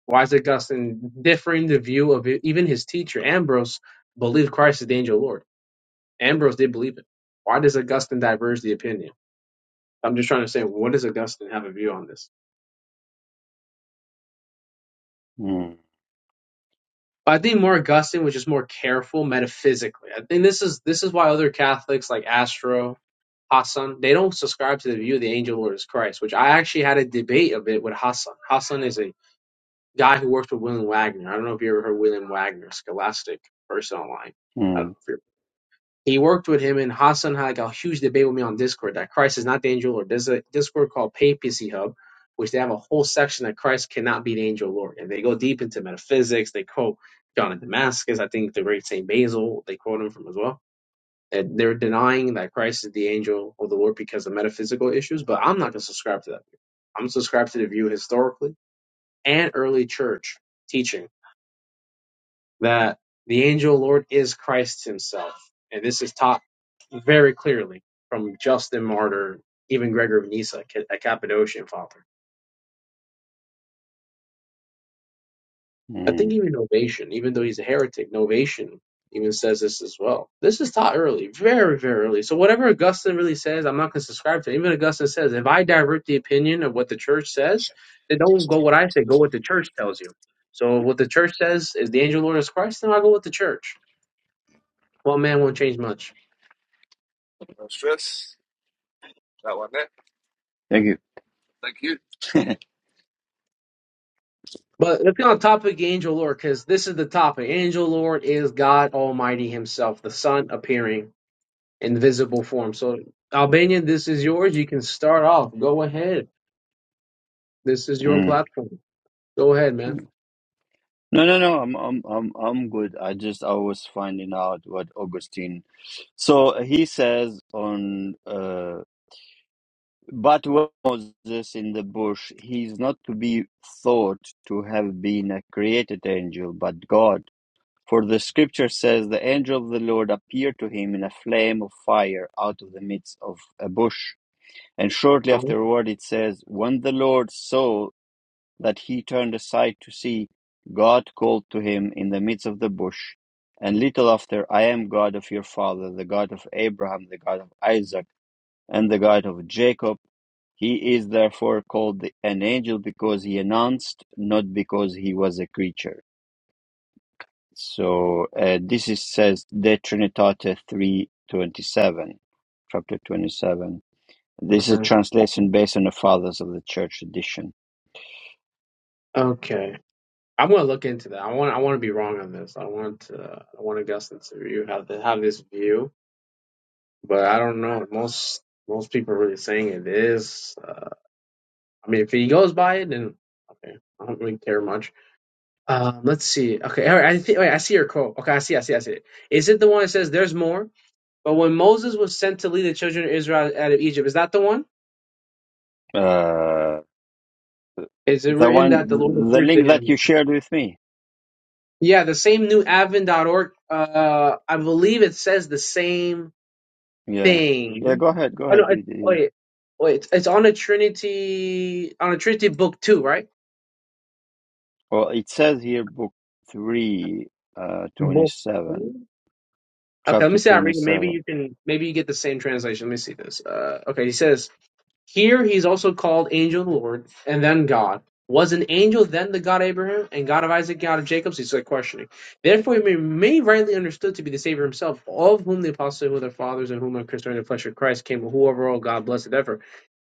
Speaker 3: Why is Augustine differing the view of it? even his teacher Ambrose believed Christ is the angel Lord. Ambrose did believe it. Why does Augustine diverge the opinion? I'm just trying to say what does Augustine have a view on this?
Speaker 1: on.
Speaker 3: But I think Mark Gustin was just more careful metaphysically. I think this is this is why other Catholics like Astro Hassan they don't subscribe to the view of the angel Lord as Christ, which I actually had a debate a bit with Hassan. Hassan is a guy who works with William Wagner. I don't know if you ever heard William Wagner, scholastic person online.
Speaker 1: Hmm.
Speaker 3: I don't
Speaker 1: Hmm.
Speaker 3: know if you're he worked with him, and Hassan had like a huge debate with me on Discord that Christ is not the angel Lord. There's a Discord called Papacy Hub, which they have a whole section that Christ cannot be the angel Lord, and they go deep into metaphysics. They quote John of Damascus, I think the great Saint Basil. They quote him from as well. And they're denying that Christ is the angel of the Lord because of metaphysical issues, but I'm not going to subscribe to that. view. I'm subscribed to the view historically and early church teaching that the angel Lord is Christ himself. And this is taught very clearly from Justin Martyr, even Gregor of Nyssa, a Cappadocian father. I
Speaker 1: hmm.
Speaker 3: think even Novation, even though he's a heretic, Novation even says this as well. This is taught early, very, very early. So whatever Augustine really says, I'm not going to subscribe to. it. Even Augustine says, if I divert the opinion of what the church says, then don't go what I say, go what the church tells you. So what the church says is the angel Lord is Christ, then I'll go with the church. Well, man won't change much.
Speaker 1: Thank you.
Speaker 3: But let's get on topic angel lord because this is the topic. Angel lord is God Almighty Himself, the Son appearing in visible form. So, Albanian, this is yours. You can start off. Go ahead. This is your
Speaker 1: Mm.
Speaker 3: platform. Go ahead, man.
Speaker 1: No, no, no. I'm, I'm, I'm, I'm good. I just I was finding out what Augustine. So he says on, uh, but when Moses in the bush, he is not to be thought to have been a created angel, but God. For the scripture says the angel of the Lord appeared to him in a flame of fire out of the midst of a bush. And shortly
Speaker 3: Uh-huh.
Speaker 1: afterward, it says, when the Lord saw that he turned aside to see, God called to him in the midst of the bush. And little after, I am God of your father, the God of Abraham, the God of Isaac, and the God of Jacob. He is therefore called an angel because he announced, not because he was a creature. So uh, this is says De Trinitate three twenty seven, chapter twenty seven. This is a
Speaker 3: Uh-huh.
Speaker 1: translation based on the fathers of the church tradition.
Speaker 3: Okay, I'm gonna look into that. I want. I want to be wrong on this. I want. To, I want Augustine to you have to have this view, but I don't know. Most most people are really saying it is. Uh, I mean, if he goes by it, then okay. I don't really care much. Um, let's see. Okay, all right. I think. Wait, I see your quote. Okay, I see. I see. I see it. Is it the one that says, "There's more"? But when Moses was sent to lead the children of Israel out of Egypt, is that the one?
Speaker 1: Uh,
Speaker 3: Is it
Speaker 1: the
Speaker 3: written that the Lord
Speaker 1: one, the
Speaker 3: appeared to
Speaker 1: link that
Speaker 3: him?
Speaker 1: you shared with me.
Speaker 3: Yeah, the same newadvent.org. Uh, I believe it says the same
Speaker 1: Yeah. Yeah,
Speaker 3: thing.
Speaker 1: go ahead. Go
Speaker 3: Oh
Speaker 1: ahead,
Speaker 3: no! It,
Speaker 1: read it. Yeah.
Speaker 3: wait, wait. It's, it's on a Trinity on a Trinity book too, right?
Speaker 1: Well, it says here, book 3, uh,
Speaker 3: Book.
Speaker 1: 27,
Speaker 3: two? Okay, let me
Speaker 1: chapter
Speaker 3: see. how I read. it. Maybe
Speaker 1: 27.
Speaker 3: you can. Maybe you get the same translation. Let me see this. Uh, okay, he says. Here he is also called Angel and Lord, and then God. Was an angel then the God of Abraham, and God of Isaac, God of Jacob? So he's like questioning. Therefore, he may, may rightly understood to be the Savior himself, all of whom the apostles, who are their fathers, and whom are concerning the flesh of Christ, came, who overall God blessed ever.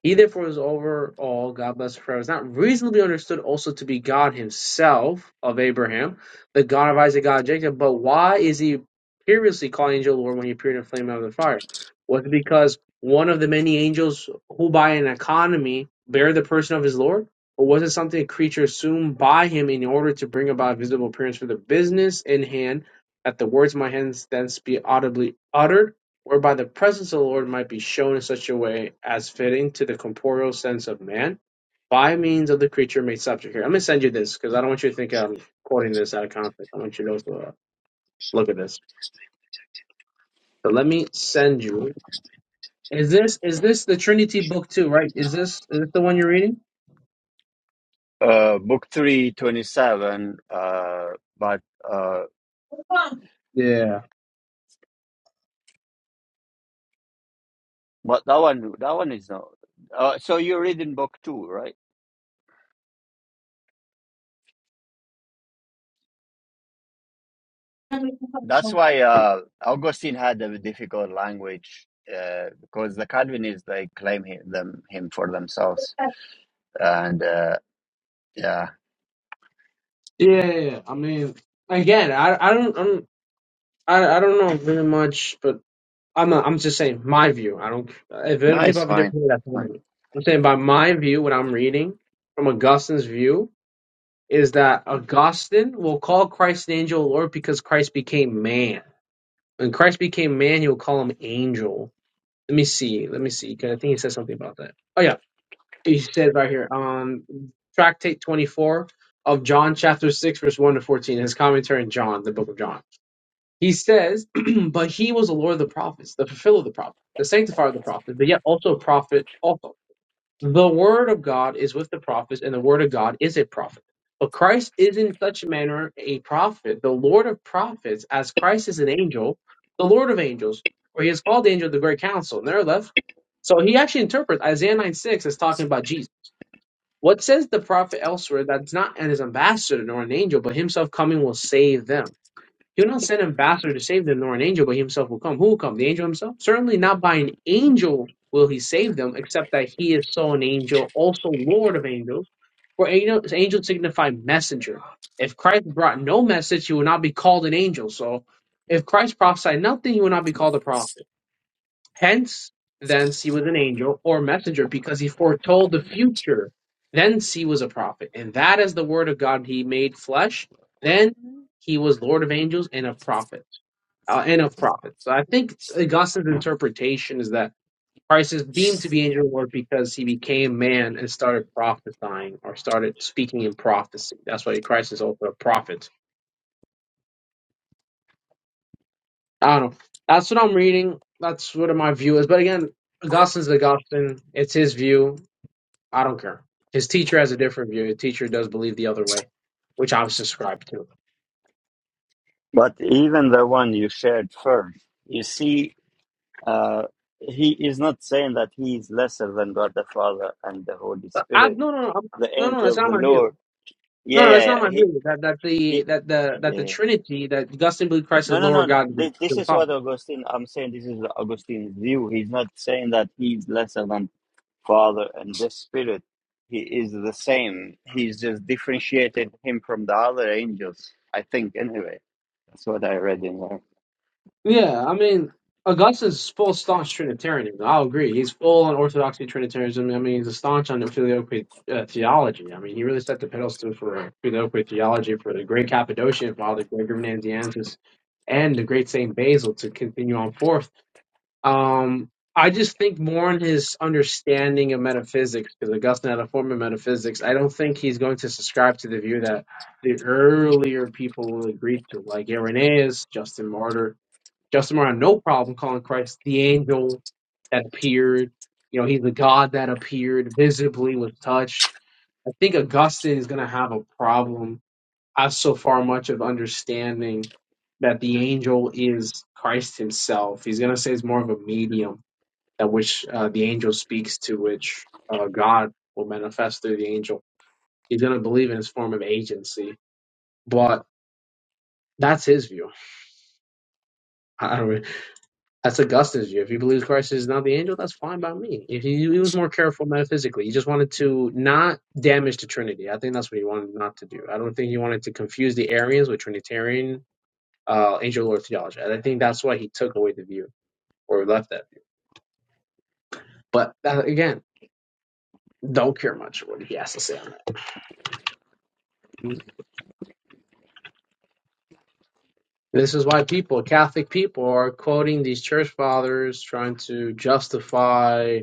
Speaker 3: He therefore is over all, God bless forever, is not reasonably understood also to be God himself of Abraham, the God of Isaac, God of Jacob. But why is he previously called angel Lord when he appeared in a flame out of the fire? Was it because one of the many angels who by an economy bear the person of his Lord? Or was it something a creature assumed by him in order to bring about a visible appearance for the business in hand, that the words of my hands thence be audibly uttered? whereby the presence of the Lord might be shown in such a way as fitting to the corporeal sense of man by means of the creature made subject. Here, I'm going to send you this because I don't want you to think I'm quoting this out of context. I want you to also, uh, look at this. So let me send you. Is this is this the Trinity book too? Right? Is this is this the one you're reading?
Speaker 1: Uh, book three, twenty-seven. uh, but, uh,
Speaker 3: Yeah. Yeah.
Speaker 1: but that one, that one is not. Uh, so you read in book 2, right? That's why uh, Augustine had a difficult language uh, because the Calvinists they claim him, them him for themselves, and uh, yeah,
Speaker 3: yeah, yeah. I mean, again, I I don't I'm, I I don't know very much, but I'm not, I'm just saying my view. I don't. If
Speaker 1: no,
Speaker 3: other people
Speaker 1: it's
Speaker 3: have a
Speaker 1: fine.
Speaker 3: different view, that's fine.
Speaker 1: Fine.
Speaker 3: with me. I'm saying by my view, what I'm reading from Augustine's view is that Augustine will call Christ an angel Lord because Christ became man. When Christ became man, he will call him angel. Let me see. Let me see. Because I think he said something about that. Oh yeah, he said right here on Tractate 24 of John chapter 6 verse 1 to 14. His commentary in John, the book of John. He says, but he was the Lord of the prophets, the fulfiller of the prophet, the sanctifier of the prophet, but yet also a prophet also. The word of God is with the prophets, and the word of God is a prophet. But Christ is in such a manner a prophet, the Lord of prophets, as Christ is an angel, the Lord of angels, or he is called the angel of the great council. And they're left. So he actually interprets Isaiah 9 6 as talking about Jesus. What says the prophet elsewhere that's not an his ambassador nor an angel, but himself coming will save them? He will not send an ambassador to save them, nor an angel, but he himself will come. Who will come? The angel himself? Certainly not by an angel will he save them, except that he is so an angel, also Lord of angels. For angel- angels signify messenger. If Christ brought no message, he would not be called an angel. So if Christ prophesied nothing, he would not be called a prophet. Hence, thence he was an angel or messenger because he foretold the future. Thence he was a prophet. And that is the word of God he made flesh. Then he was Lord of angels and a prophet. Uh, and of prophets. So I think Augustine's interpretation is that Christ is deemed to be angel of the Lord because he became man and started prophesying or started speaking in prophecy. That's why Christ is also a prophet. I don't know. That's what I'm reading. That's what my view is. But again, Augustine's Augustine. It's his view. I don't care. His teacher has a different view. His teacher does believe the other way, which I subscribe to.
Speaker 1: But even the one you shared first, you see, uh, he is not saying that he is lesser than God the Father and the Holy
Speaker 3: But I
Speaker 1: Spirit,
Speaker 3: no no no I'm,
Speaker 1: the
Speaker 3: no no that's
Speaker 1: angel,
Speaker 3: not
Speaker 1: the
Speaker 3: my
Speaker 1: Lord.
Speaker 3: view.
Speaker 1: Yeah,
Speaker 3: No, no,
Speaker 1: yeah,
Speaker 3: that's not
Speaker 1: yeah.
Speaker 3: my
Speaker 1: He,
Speaker 3: view. That that the
Speaker 1: he,
Speaker 3: that the that the
Speaker 1: yeah.
Speaker 3: Trinity that Augustine believed Christ
Speaker 1: No,
Speaker 3: is
Speaker 1: no,
Speaker 3: lower
Speaker 1: no, no.
Speaker 3: God
Speaker 1: This, this
Speaker 3: than the
Speaker 1: is what
Speaker 3: Father.
Speaker 1: Augustine. I'm saying this is Augustine's view. He's not saying that he's lesser than Father, and the Spirit. He is the same. He's just differentiated him from the other angels. I think, anyway. That's what I read in there.
Speaker 3: Yeah, I mean Augustine's full staunch Trinitarian. I'll agree. He's full on Orthodoxy Trinitarianism. I mean, he's a staunch on filioque uh, theology. I mean, he really set the pedals to for filioque theology for the Great Cappadocian Father Gregory Nazianzus and the great Saint Basil to continue on forth Um, I just think more in his understanding of metaphysics, because Augustine had a form of metaphysics. I don't think he's going to subscribe to the view that the earlier people agreed to, like Irenaeus, Justin Martyr. Justin Martyr had no problem calling Christ the angel that appeared. You know, he's the God that appeared visibly, was touched. I think Augustine is going to have a problem I so far much of understanding that the angel is Christ Himself. He's going to say it's more of a medium that which uh, the angel speaks to, which uh, God will manifest through the angel. He's going to believe in his form of agency, but that's his view. I don't really, that's Augustine's view. If he believes Christ is not the angel, that's fine by me. If he, he was more careful metaphysically, he just wanted to not damage the Trinity. I think that's what he wanted not to do. I don't think he wanted to confuse the Arians with Trinitarian uh, angel Lord theology. And I think that's why he took away the view or left that view. But uh, again, don't care much what he has to say on that.
Speaker 1: Mm.
Speaker 3: This is why people, Catholic people, are quoting these church fathers, trying to justify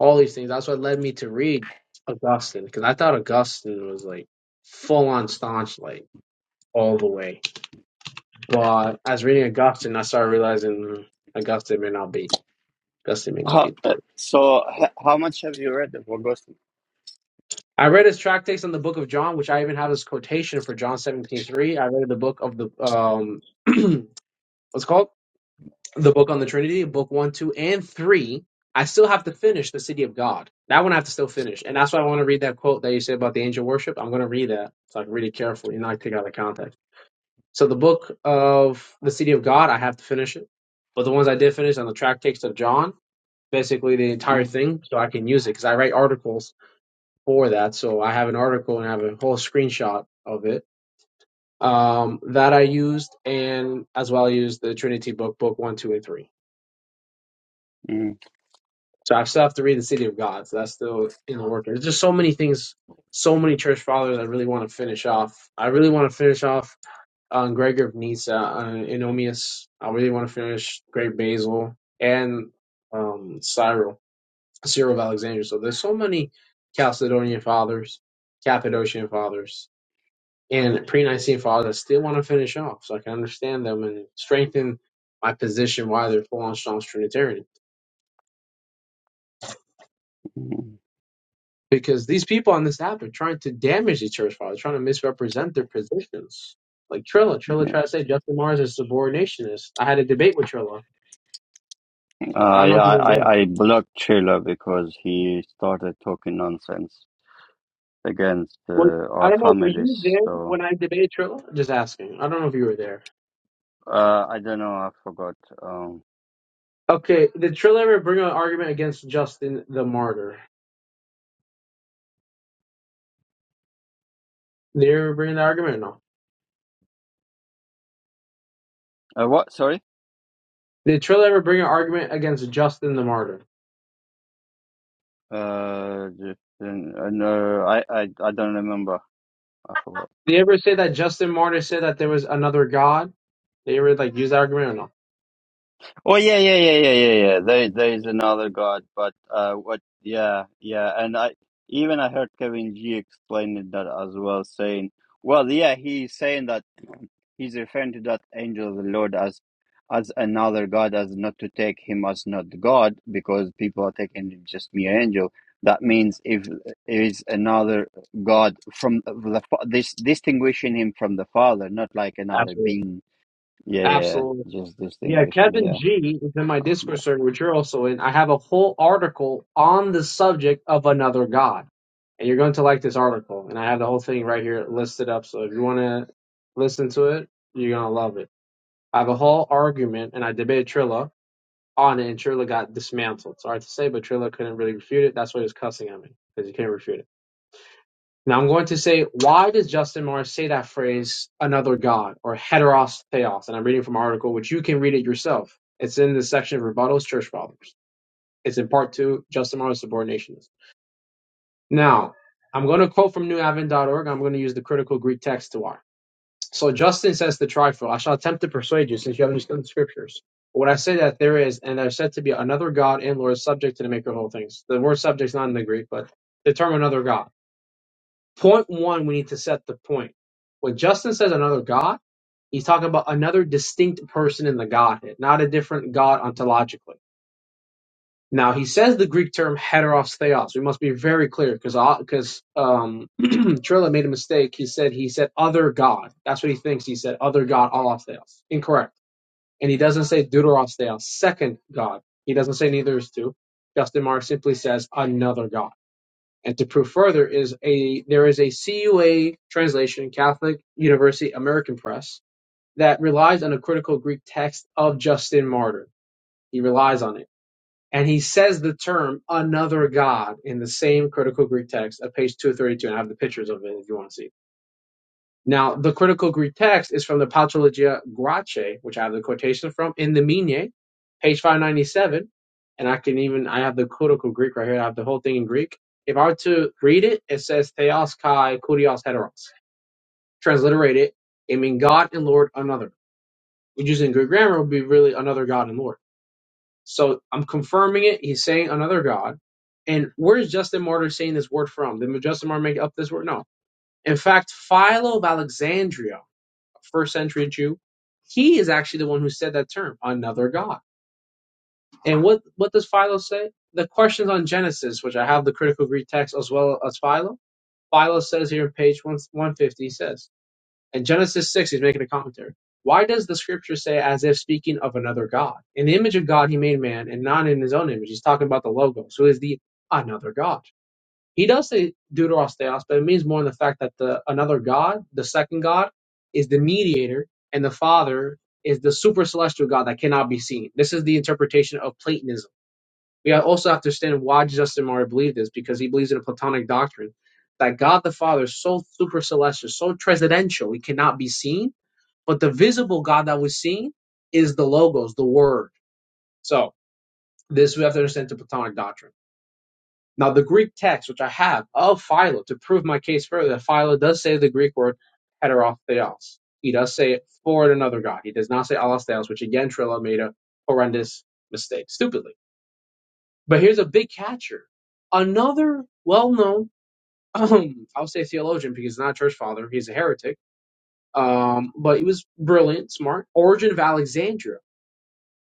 Speaker 3: all these things. That's what led me to read Augustine, because I thought Augustine was like full on staunch, like all the way. But as reading Augustine, I started realizing mm, Augustine may not be. Augustine may not
Speaker 1: How,
Speaker 3: be the person.
Speaker 1: uh, so, h- how much have you read of Augustine?
Speaker 3: I read his tractates on the book of John, which I even have his quotation for John seventeen three. I read the book of the um what's it called? The book on the Trinity, book one, two, and three. I still have to finish the city of God. That one I have to still finish. And that's why I want to read that quote that you said about the angel worship. I'm gonna read that so I can read it carefully and not take it out of context. So the book of the city of God, I have to finish it. But the ones I did finish on the tractates of John, basically the entire
Speaker 1: Mhm,
Speaker 3: thing, so I can use it because I write articles for that. So I have an article and I have a whole screenshot of it um, that I used, and as well I used the Trinity book, book one, two, and three.
Speaker 1: mhm,
Speaker 3: So I still have to read the City of God. So that's still in the work. There's just so many things, so many church fathers I really want to finish off. I really want to finish off on Gregor of Nyssa, on Enomius. I really want to finish Great Basil and um, Cyril, Cyril of Alexandria. So there's so many Chalcedonian fathers, Cappadocian fathers and pre-Nicene fathers still want to finish off, so I can understand them and strengthen my position why they're full-on strong Trinitarian.
Speaker 1: mhm.
Speaker 3: Because these people on this app are trying to damage the church fathers, trying to misrepresent their positions. Like Trilla, Trilla tried
Speaker 1: Yeah,
Speaker 3: to say Justin Mars is subordinationist. I had a debate with Trilla. I
Speaker 1: uh,
Speaker 3: don't know
Speaker 1: yeah.
Speaker 3: if you were
Speaker 1: I,
Speaker 3: there.
Speaker 1: I I blocked Chila because he started talking nonsense against uh,
Speaker 3: Well, I
Speaker 1: our
Speaker 3: don't know. Were
Speaker 1: families.
Speaker 3: you there
Speaker 1: So
Speaker 3: when I debated Trilla? Just asking. I don't know if you were there.
Speaker 1: uh, I don't know. I forgot. Um,
Speaker 3: Okay, did Trilla ever bring an argument against Justin the martyr? Did they ever bring the argument? No.
Speaker 1: uh, what? Sorry.
Speaker 3: Did Trill ever bring an argument against Justin the Martyr?
Speaker 1: Uh, just, uh, no, I, I I don't remember. I forgot.
Speaker 3: Did he ever say that Justin Martyr said that there was another God? Did he ever like use that argument or no?
Speaker 1: Oh yeah, yeah, yeah, yeah, yeah, yeah. There, there is another God, but uh, what? Yeah, yeah, and I even I heard Kevin G explaining that as well, saying, well, yeah, he's saying that he's referring to that angel of the Lord as as another God, as not to take him as not God, because people are taking him just mere angel. That means if it is another God from the fa- this distinguishing him from the Father, not like another
Speaker 3: Absolutely.
Speaker 1: being Yeah, yeah,
Speaker 3: Absolutely.
Speaker 1: just
Speaker 3: Yeah,
Speaker 1: distinguishing.
Speaker 3: Kevin
Speaker 1: Yeah,
Speaker 3: G is in my
Speaker 1: I'll come
Speaker 3: Discord
Speaker 1: back.
Speaker 3: server, which you're also in. I have a whole article on the subject of another God. And you're going to like this article. And I have the whole thing right here listed up. So if you want to listen to it, you're going to love it. I have a whole argument and I debate Trilla on it, and Trilla got dismantled. Sorry to say, but Trilla couldn't really refute it. That's why he was cussing at me because he can't refute it. Now I'm going to say, why does Justin Morris say that phrase, another God or heteros theos? And I'm reading from an article, which you can read it yourself. It's in the section of rebuttals, church fathers. It's in part two, Justin Morris subordinationism. Now, I'm going to quote from newavon.org. I'm going to use the critical Greek text to why. So Justin says to trifle, I shall attempt to persuade you, since you haven't understand the scriptures. But when I say that there is, and there is said to be another God and Lord subject to the maker of all things. The word subject is not in the Greek, but the term another God. Point one, we need to set the point. When Justin says another God, he's talking about another distinct person in the Godhead, not a different God ontologically. Now he says the Greek term heteros theos. We must be very clear because because um, Trilla made a mistake. He said he said other god. That's what he thinks. He said other god allos theos. Incorrect. And he doesn't say deuteros theos, second god. He doesn't say neither is two. Justin Mark simply says another god. And to prove further is a there is a CUA translation, Catholic University American Press, that relies on a critical Greek text of Justin Martyr. He relies on it and he says the term another God in the same critical Greek text at page 232. And I have the pictures of it if you want to see. Now, the critical Greek text is from the Patrologia Grace, which I have the quotation from, in the Mine, page 597. And I can even, I have the critical Greek right here. I have the whole thing in Greek. If I were to read it, it says Theos Kai Kurios Heteros. Transliterate it, it means God and Lord another. Which using Greek grammar would be really another God and Lord. So I'm confirming it. He's saying another God. And where's Justin Martyr saying this word from? Did Justin Martyr make up this word? No. In fact, Philo of Alexandria, a first century Jew, he is actually the one who said that term, another God. And what, what does Philo say? The questions on Genesis, which I have the critical Greek text as well as Philo. Philo says here on page 150, he says, in Genesis 6, he's making a commentary. Why does the scripture say, as if speaking of another God? In the image of God, he made man, and not in his own image. He's talking about the Logos. So is the another God. He does say deuteros theos, but it means more in the fact that the another God, the second God, is the mediator, and the Father is the super celestial God that cannot be seen. This is the interpretation of Platonism. We also have to understand why Justin Martyr believed this, because he believes in a Platonic doctrine that God the Father is so super celestial, so transcendental, he cannot be seen but the visible God that was seen is the logos, the word. So this we have to understand the Platonic doctrine. Now the Greek text, which I have of Philo to prove my case further, that Philo does say the Greek word heterotheos. He does say it for another God. He does not say allotheos, which again Trillo made a horrendous mistake, stupidly. But here's a big catcher. Another well-known, I'll say theologian because he's not a church father, he's a heretic um, but he was brilliant, smart. Origin of Alexandria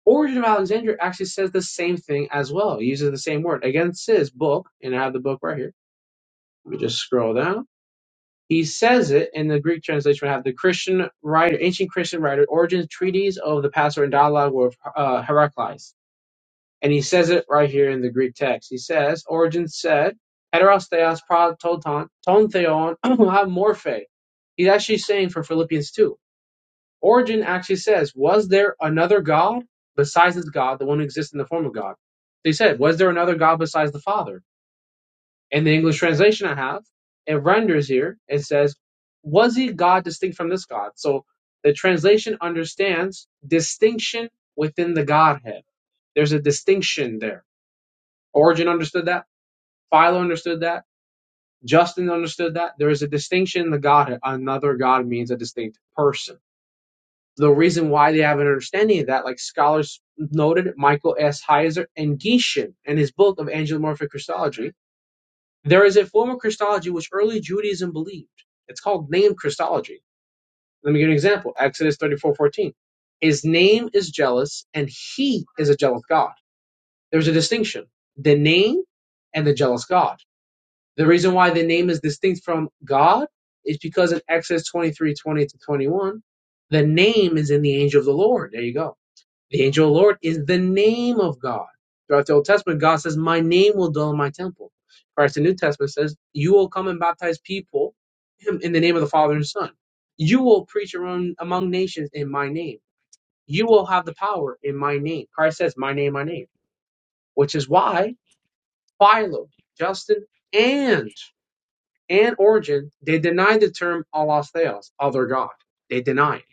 Speaker 3: Origin of Alexandria actually says the same thing as well. He uses the same word. Again, it says book, and I have the book right here. Let me just scroll down. He says it in the Greek translation. We have the Christian writer, ancient Christian writer, Origen's treatise of the Passover and dialogue with uh, Heraclius. And he says it right here in the Greek text. He says, Origen said, heteros theos pra ton ton theon ha morphe. He's actually saying for Philippians 2 Origen actually says, Was there another God besides this God, the one who exists in the form of God? They said, Was there another God besides the Father? And the English translation I have, it renders here, it says, Was he God distinct from this God? So the translation understands distinction within the Godhead. There's a distinction there. Origen understood that. Philo understood that. Justin understood that. There is a distinction in the Godhead. Another God means a distinct person. the reason why they have an understanding of that, like scholars noted, Michael S. Heiser and Gieshin in his book of Angelomorphic Christology, there is a form of Christology which early Judaism believed. It's called named Christology. Let me give you an example. Exodus thirty-four fourteen. His name is jealous and he is a jealous God. There's a distinction. The name and the jealous God. The reason why the name is distinct from God is because in Exodus twenty-three twenty to 21, the name is in the angel of the Lord. There you go the angel of the Lord is the name of God. Throughout the Old Testament, God says, My name will dwell in my temple. Whereas the New Testament says, You will come and baptize people in the name of the Father and Son. You will preach among, among nations in my name. You will have the power in my name. Christ says, My name, my name. Which is why Philo, Justin, and and Origin, they deny the term Allah Theos, other God. They deny it.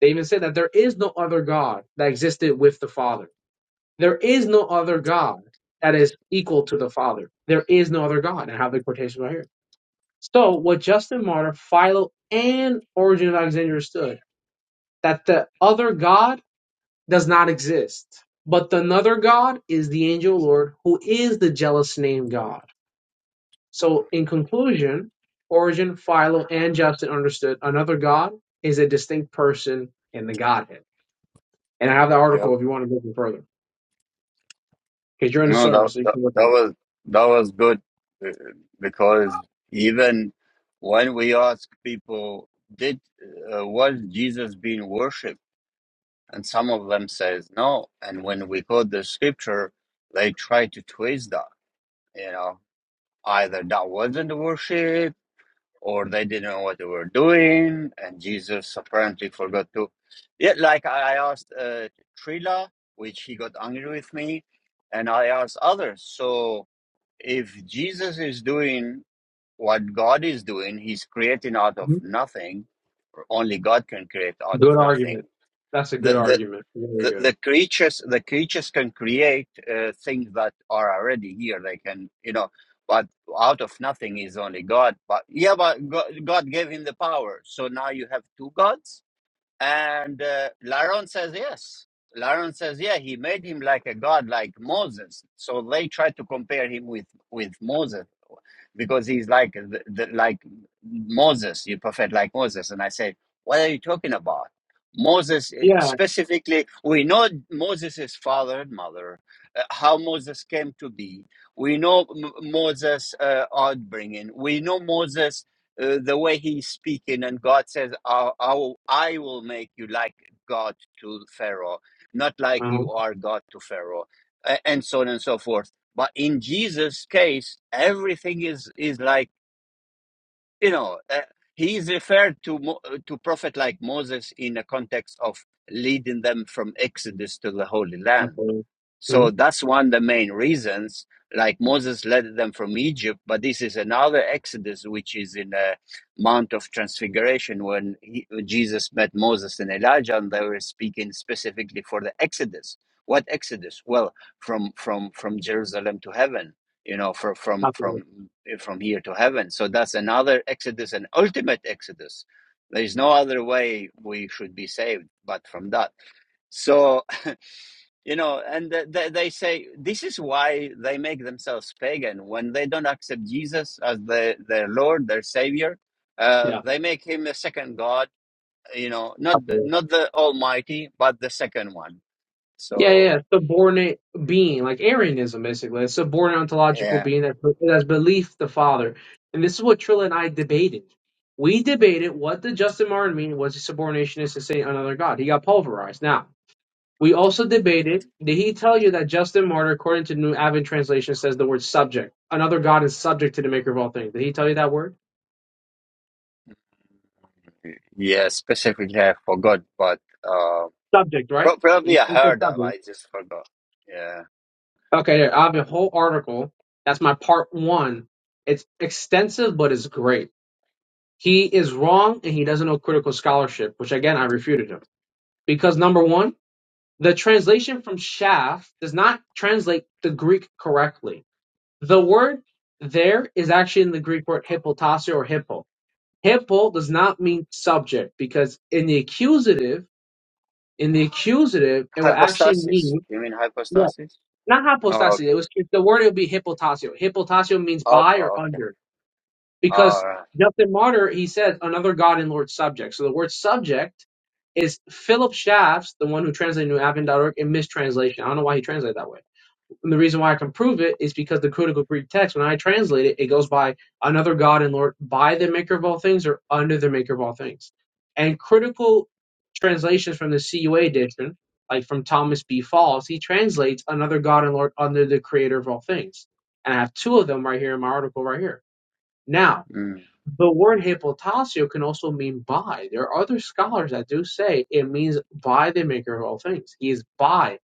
Speaker 3: They even say that there is no other God that existed with the Father There is no other God that is equal to the Father. There is no other God. And I have the quotation right here. So what Justin Martyr, Philo, and Origin of Alexandria understood that the other God does not exist. But the another God is the angel Lord, who is the jealous name God. So in conclusion, Origin, Philo, and Justin understood another God is a distinct person in the Godhead. And I have the
Speaker 1: Yep.
Speaker 3: article if you want to go further. Because you're in the
Speaker 1: No, that
Speaker 3: service, so you
Speaker 1: that,
Speaker 3: can look at
Speaker 1: that
Speaker 3: it.
Speaker 1: was that was good uh, because even when we ask people, did uh, was Jesus being worshipped, and some of them says no, and when we quote the scripture, they try to twist that. You know, either that wasn't worship or they didn't know what they were doing, and Jesus apparently forgot to. Yeah, like I I asked uh, Trila, which he got angry with me, and I asked others. So if Jesus is doing what God is doing, he's creating out of nothing, or only God can create out of
Speaker 3: Good
Speaker 1: nothing
Speaker 3: argument. That's a
Speaker 1: the
Speaker 3: good
Speaker 1: the
Speaker 3: argument. Very
Speaker 1: the,
Speaker 3: good.
Speaker 1: the creatures the creatures can create uh, things that are already here they can you know but out of nothing is only god but yeah but god, god gave him the power so now you have two gods and uh, laron says yes laron says yeah he made him like a god like moses so they try to compare him with with moses because he's like the, the, like Moses, you prophet like Moses. And I said, what are you talking about? Moses eh,
Speaker 3: Yeah.
Speaker 1: specifically, we know Moses' father and mother, uh, how Moses came to be. We know M- Moses' uh, upbringing. We know Moses, uh, the way he's speaking, and God says, I, I, will, I will make you like God to Pharaoh, not like
Speaker 3: Uh-huh.
Speaker 1: you are God to Pharaoh, a- and so on and so forth but in Jesus' case, everything is is like you know uh, he is referred to Mo- uh, to prophet like Moses in the context of leading them from Exodus to the Holy Land
Speaker 3: Absolutely.
Speaker 1: so
Speaker 3: Mm-hmm.
Speaker 1: that's one of the main reasons, like Moses led them from Egypt, but this is another Exodus, which is in the Mount of Transfiguration when he, Jesus met Moses and Elijah, and they were speaking specifically for the Exodus. What Exodus? Well, from from from Jerusalem to heaven, you know, from from
Speaker 3: Absolutely.
Speaker 1: from from here to heaven. So that's another Exodus, an ultimate Exodus. There is no other way we should be saved but from that. So you know and th- they say this is why they make themselves pagan when they don't accept jesus as the, their lord their savior uh,
Speaker 3: Yeah.
Speaker 1: they make him a second god you know not
Speaker 3: Absolutely.
Speaker 1: not the almighty but the second one
Speaker 3: Yeah, yeah.
Speaker 1: so
Speaker 3: yeah. Subordinate being, like Arianism, basically. A subordinate ontological
Speaker 1: yeah
Speaker 3: being that that's belief the Father. And this is what Trilla and I debated. We debated what did Justin Martyr mean was a subordinationist to say another God. He got pulverized. Now, we also debated, did he tell you that Justin Martyr, according to New Avid Translation, says the word subject? Another God is subject to the maker of all things. Did he tell you that word?
Speaker 1: yeah specifically i forgot but uh,
Speaker 3: subject, right?
Speaker 1: pro-
Speaker 3: You
Speaker 1: probably i
Speaker 3: you said
Speaker 1: heard of
Speaker 3: subject.
Speaker 1: i just forgot yeah
Speaker 3: Okay, there. I have a whole article. That's my part one. It's extensive, but it's great. He is wrong and he doesn't know critical scholarship, which again, I refuted him. Because number one, the translation from shaft does not translate the Greek correctly. The word there is actually in the Greek word hypotasio or hippo. Hippo does not mean subject because in the accusative, in the accusative, it will actually
Speaker 1: hypostasis
Speaker 3: mean
Speaker 1: you mean hypostasis
Speaker 3: not
Speaker 1: oh
Speaker 3: hypostasis.
Speaker 1: okay
Speaker 3: It was if the word. It would be hypotasio. Hypotasio means by
Speaker 1: Alpha,
Speaker 3: or
Speaker 1: okay
Speaker 3: under,
Speaker 1: all
Speaker 3: because
Speaker 1: right
Speaker 3: Justin Martyr he said another God and Lord subject. So the word subject is Philip Shafts, the one who translated New Advent.org, in mistranslation. I don't know why he translated that way and the reason why I can prove it is because the critical Greek text, when I translate it, it goes by another God and Lord, by the maker of all things or under the maker of all things. And critical translations from the CUA edition, like from Thomas B. Falls, he translates another God and Lord under the creator of all things. And I have two of them right here in my article right here. Now,
Speaker 1: mm,
Speaker 3: the word hypotasio can also mean by. There are other scholars that do say it means by the maker of all things. He is by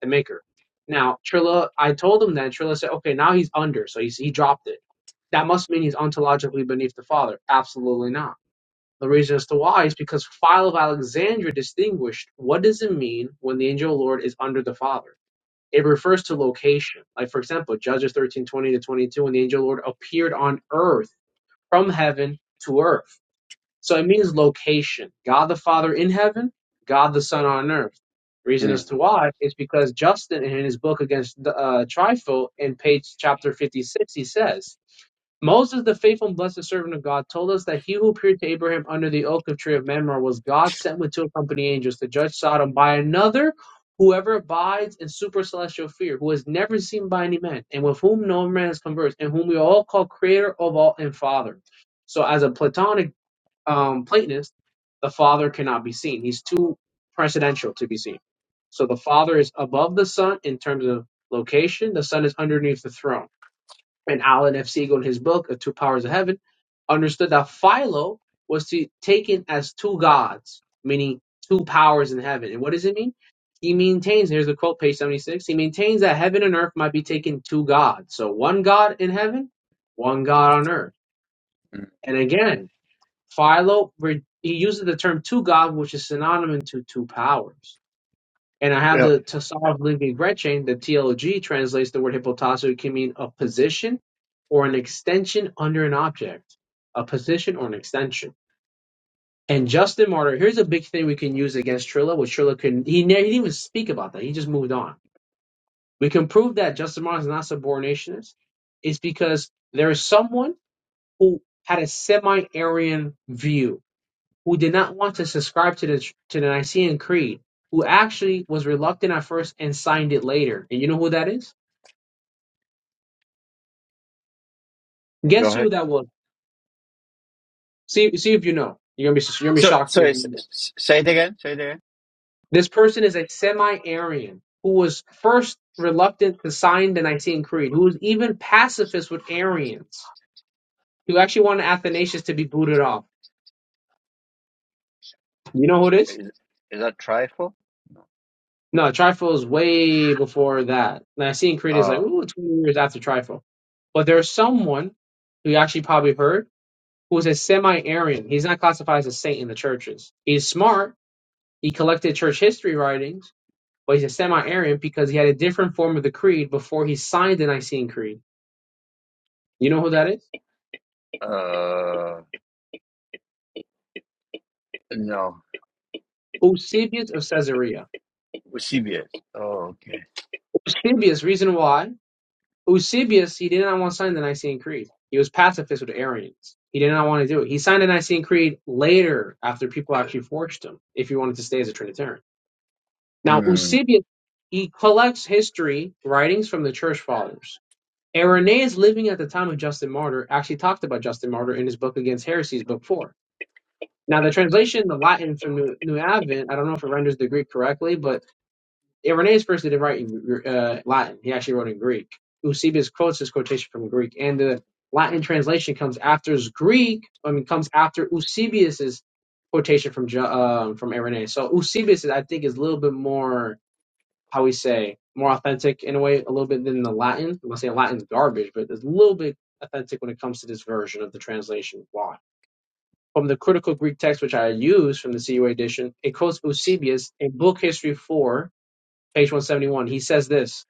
Speaker 3: the maker. Now Trilla, I told him that Trilla said, okay, now he's under, so he's, he dropped it. That must mean he's ontologically beneath the father. Absolutely not. The reason as to why is because Philo of Alexandria distinguished what does it mean when the angel of the Lord is under the father. It refers to location. Like for example, Judges thirteen twenty to twenty two, when the angel of the Lord appeared on earth from heaven to earth. So it means location. God the Father in heaven, God the Son on earth. Reason as
Speaker 1: mm,
Speaker 3: to why is because Justin in his book against the uh, Trifle in page chapter 56, he says, Moses, the faithful and blessed servant of God, told us that he who appeared to Abraham under the oak of tree of Mamre was God sent with two accompanying angels to judge Sodom by another, whoever abides in super celestial fear, who is never seen by any man, and with whom no man has conversed, and whom we all call creator of all and father. So, as a Platonic um, Platonist, the Father cannot be seen. He's too presidential to be seen. So the Father is above the Son in terms of location. The Son is underneath the throne. And Alan F. Siegel, in his book, The Two Powers of Heaven, understood that Philo was to, taken as two gods, meaning two powers in heaven. And what does it mean? He maintains, here's the quote, page 76, he maintains that heaven and earth might be taken two gods. So one God in heaven, one God on earth.
Speaker 1: mm.
Speaker 3: And again, Philo re- he uses the term two God, which is synonymous to two powers. And I have
Speaker 1: yeah
Speaker 3: the Tassar of Livy Gretchen, the TLG translates the word hypotasso. It can mean a position or an extension under an object. A position or an extension. And Justin Martyr, here's a big thing we can use against Trilla, which Trilla couldn't, he, ne- he didn't even speak about that. He just moved on. We can prove that Justin Martyr is not subordinationist. It's because there is someone who had a semi-Aryan view who did not want to subscribe to the to the Nicene Creed, who actually was reluctant at first and signed it later. And you know who that is?
Speaker 1: go
Speaker 3: Guess
Speaker 1: ahead
Speaker 3: who that was? See, see if you know. You're gonna be you're gonna be
Speaker 1: So,
Speaker 3: shocked if
Speaker 1: sorry, s-
Speaker 3: you.
Speaker 1: s- say it again. Say it again.
Speaker 3: This person is a semi arian who was first reluctant to sign the Nicene Creed, who was even pacifist with Arians, who actually wanted Athanasius to be booted off. You know who it is?
Speaker 1: Is, is that trifle?
Speaker 3: No, Trifle is way before that. And I seen critics like,
Speaker 1: Uh,
Speaker 3: ooh, 20 years after Trifle. But there's someone who you actually probably heard who's a semi-Aryan. He's not classified as a saint in the churches. He's smart. He collected church history writings, but he's a semi-Aryan because he had a different form of the creed before he signed the Nicene Creed. You know who that is?
Speaker 1: uh, no,
Speaker 3: Eusebius of Caesarea.
Speaker 1: with CBS. Oh, okay.
Speaker 3: Eusebius, reason why? Eusebius, he did not want to sign the Nicene Creed. He was pacifist with Arians. He did not want to do it. He signed the Nicene Creed later after people actually forged him if he wanted to stay as a Trinitarian. Now,
Speaker 1: Hmm.
Speaker 3: Eusebius, he collects history, writings from the church fathers. Irenaeus, living at the time of Justin Martyr, actually talked about Justin Martyr in his book Against Heresies, book four. Now, the translation, the Latin from New, New Advent, I don't know if it renders the Greek correctly, but Irenaeus first didn't write in uh, Latin; he actually wrote in Greek. Eusebius quotes his quotation from Greek, and the Latin translation comes after Greek. I mean, comes after Eusebius's quotation from Ja, um, from Irenaeus. So Eusebius, I think, is a little bit more how we say more authentic in a way, a little bit than the Latin. I'm not saying Latin's garbage, but it's a little bit authentic when it comes to this version of the translation. Why? From the critical Greek text, which I use from the CUA edition, it quotes Eusebius in Book History 4, page 171, he says this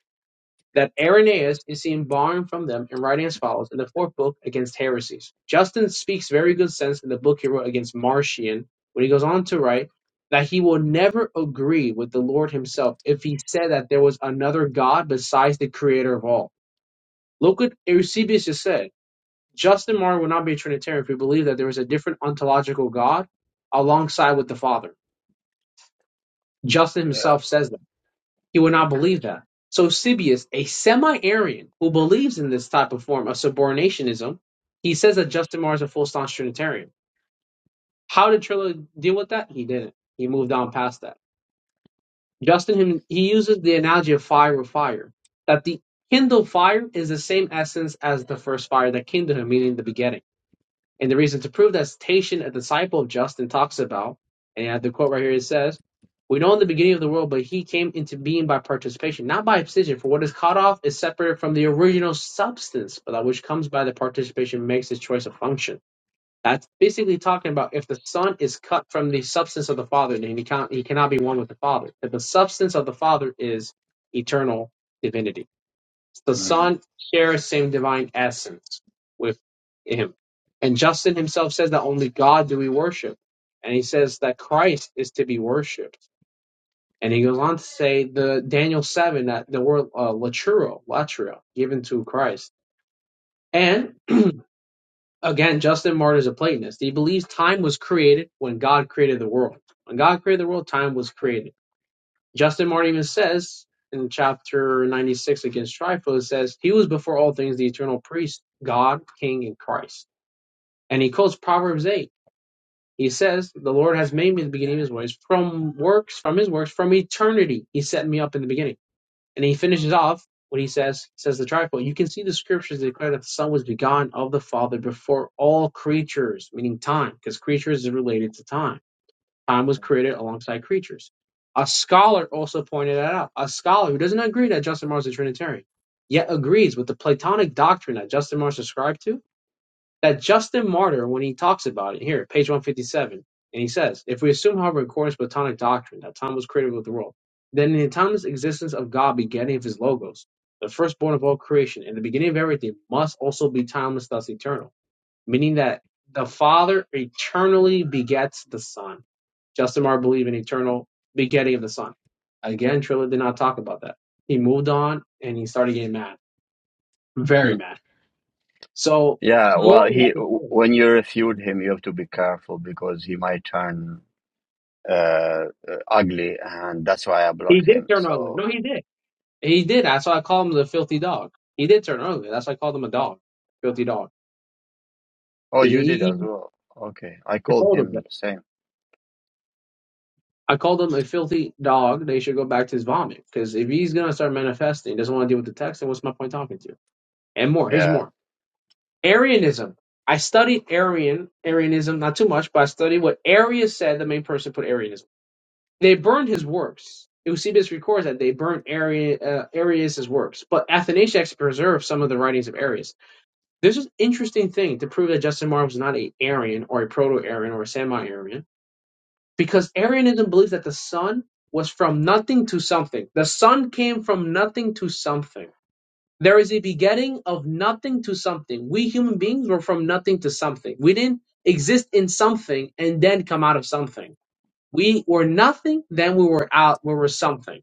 Speaker 3: that Irenaeus is seen borrowing from them and writing as follows in the fourth book against heresies. Justin speaks very good sense in the book he wrote against Marcion when he goes on to write that he will never agree with the Lord himself if he said that there was another God besides the creator of all. Look what Eusebius just said. Justin Martyr would not be a Trinitarian if he believed that there was a different ontological God alongside with the Father. Justin
Speaker 1: Yeah.
Speaker 3: himself says that. He would not believe that. So Eusebius, a semi-Arian who believes in this type of form of subordinationism, he says that Justin Martyr is a full-staunch Trinitarian. How did Trilla deal with that? He didn't. He moved on past that. Justin, him, he uses the analogy of fire with fire, that the kindled fire is the same essence as the first fire that kindled him, meaning the begetting. And the reason to prove that station a disciple of Justin talks about, and I have the quote right here, it says, We know in the beginning of the world, but he came into being by participation, not by abscission, for what is cut off is separated from the original substance, but that which comes by the participation makes his choice of function. That's basically talking about if the Son is cut from the substance of the Father, then he can't he cannot be one with the Father. That the substance of the Father is eternal divinity. The
Speaker 1: Hmm.
Speaker 3: Son shares same divine essence with him. And Justin himself says that only God do we worship. And he says that Christ is to be worshipped. And he goes on to say the Daniel 7 that the word uh, laturo, latria, given to Christ. And again, Justin Martyr is a Platonist. He believes time was created when God created the world. When God created the world, time was created Justin Martin even says in chapter 96 against Trifo, says, He was before all things the eternal priest, God, King, and Christ. And he quotes Proverbs 8. He says, The Lord has made me the beginning of his ways, from works, from his works, from eternity. He set me up in the beginning. And he finishes off what he says, says the trifold. You can see the scriptures declare that the Son was begotten of the Father before all creatures, meaning time, because creatures is related to time time was created alongside creatures. A scholar also pointed that out. A scholar who doesn't agree that Justin Martyr is a Trinitarian, yet agrees with the Platonic doctrine that Justin Martyr subscribed to, that Justin Martyr, when he talks about it, here, page 157, and he says, If we assume, however, in accordance with Platonic doctrine, that time was created with the world, then the timeless existence of God, beginning of his logos, the firstborn of all creation, and the beginning of everything, must also be timeless, thus eternal meaning that the Father eternally begets the Son. Justin Marr believed in eternal begetting of the Son. Again, Trilla did not talk about that. He moved on and he started getting mad, very
Speaker 1: Hmm.
Speaker 3: mad. So
Speaker 1: Yeah.
Speaker 3: more
Speaker 1: Well,
Speaker 3: we have
Speaker 1: he
Speaker 3: to
Speaker 1: w-
Speaker 3: say.
Speaker 1: when you refute him, you have to be careful because he might turn uh, uh, ugly, and that's why I
Speaker 3: He
Speaker 1: blocked
Speaker 3: did
Speaker 1: him.
Speaker 3: turn ugly.
Speaker 1: So,
Speaker 3: No, he did. He did. That's why I call him the filthy dog. He did turn ugly. That's why I called him a dog, filthy dog,
Speaker 1: oh,
Speaker 3: because he,
Speaker 1: you did as
Speaker 3: he,
Speaker 1: well. Okay, I
Speaker 3: I
Speaker 1: called
Speaker 3: told him
Speaker 1: him
Speaker 3: that.
Speaker 1: the same.
Speaker 3: I called him a filthy dog. They should go back to his vomit. Because if he's gonna start manifesting, doesn't want to deal with the text, then what's my point talking to you? And more. Here's
Speaker 1: Yeah.
Speaker 3: more. Arianism. I studied Arian Arianism not too much, but I studied what Arius said. The main person put Arianism. They burned his works. Eusebius records that they burned Ari, uh, Arius's works, but Athanasius preserved some of the writings of Arius. This is an interesting thing to prove that Justin Martyr was not a Arian or a proto-Arian or a semi-Arian, because Arianism believes that the sun was from nothing to something. The sun came from nothing to something there is a begetting of nothing to something. We human beings were from nothing to something. We didn't exist in something and then come out of something. We were nothing, then we were out, we were something.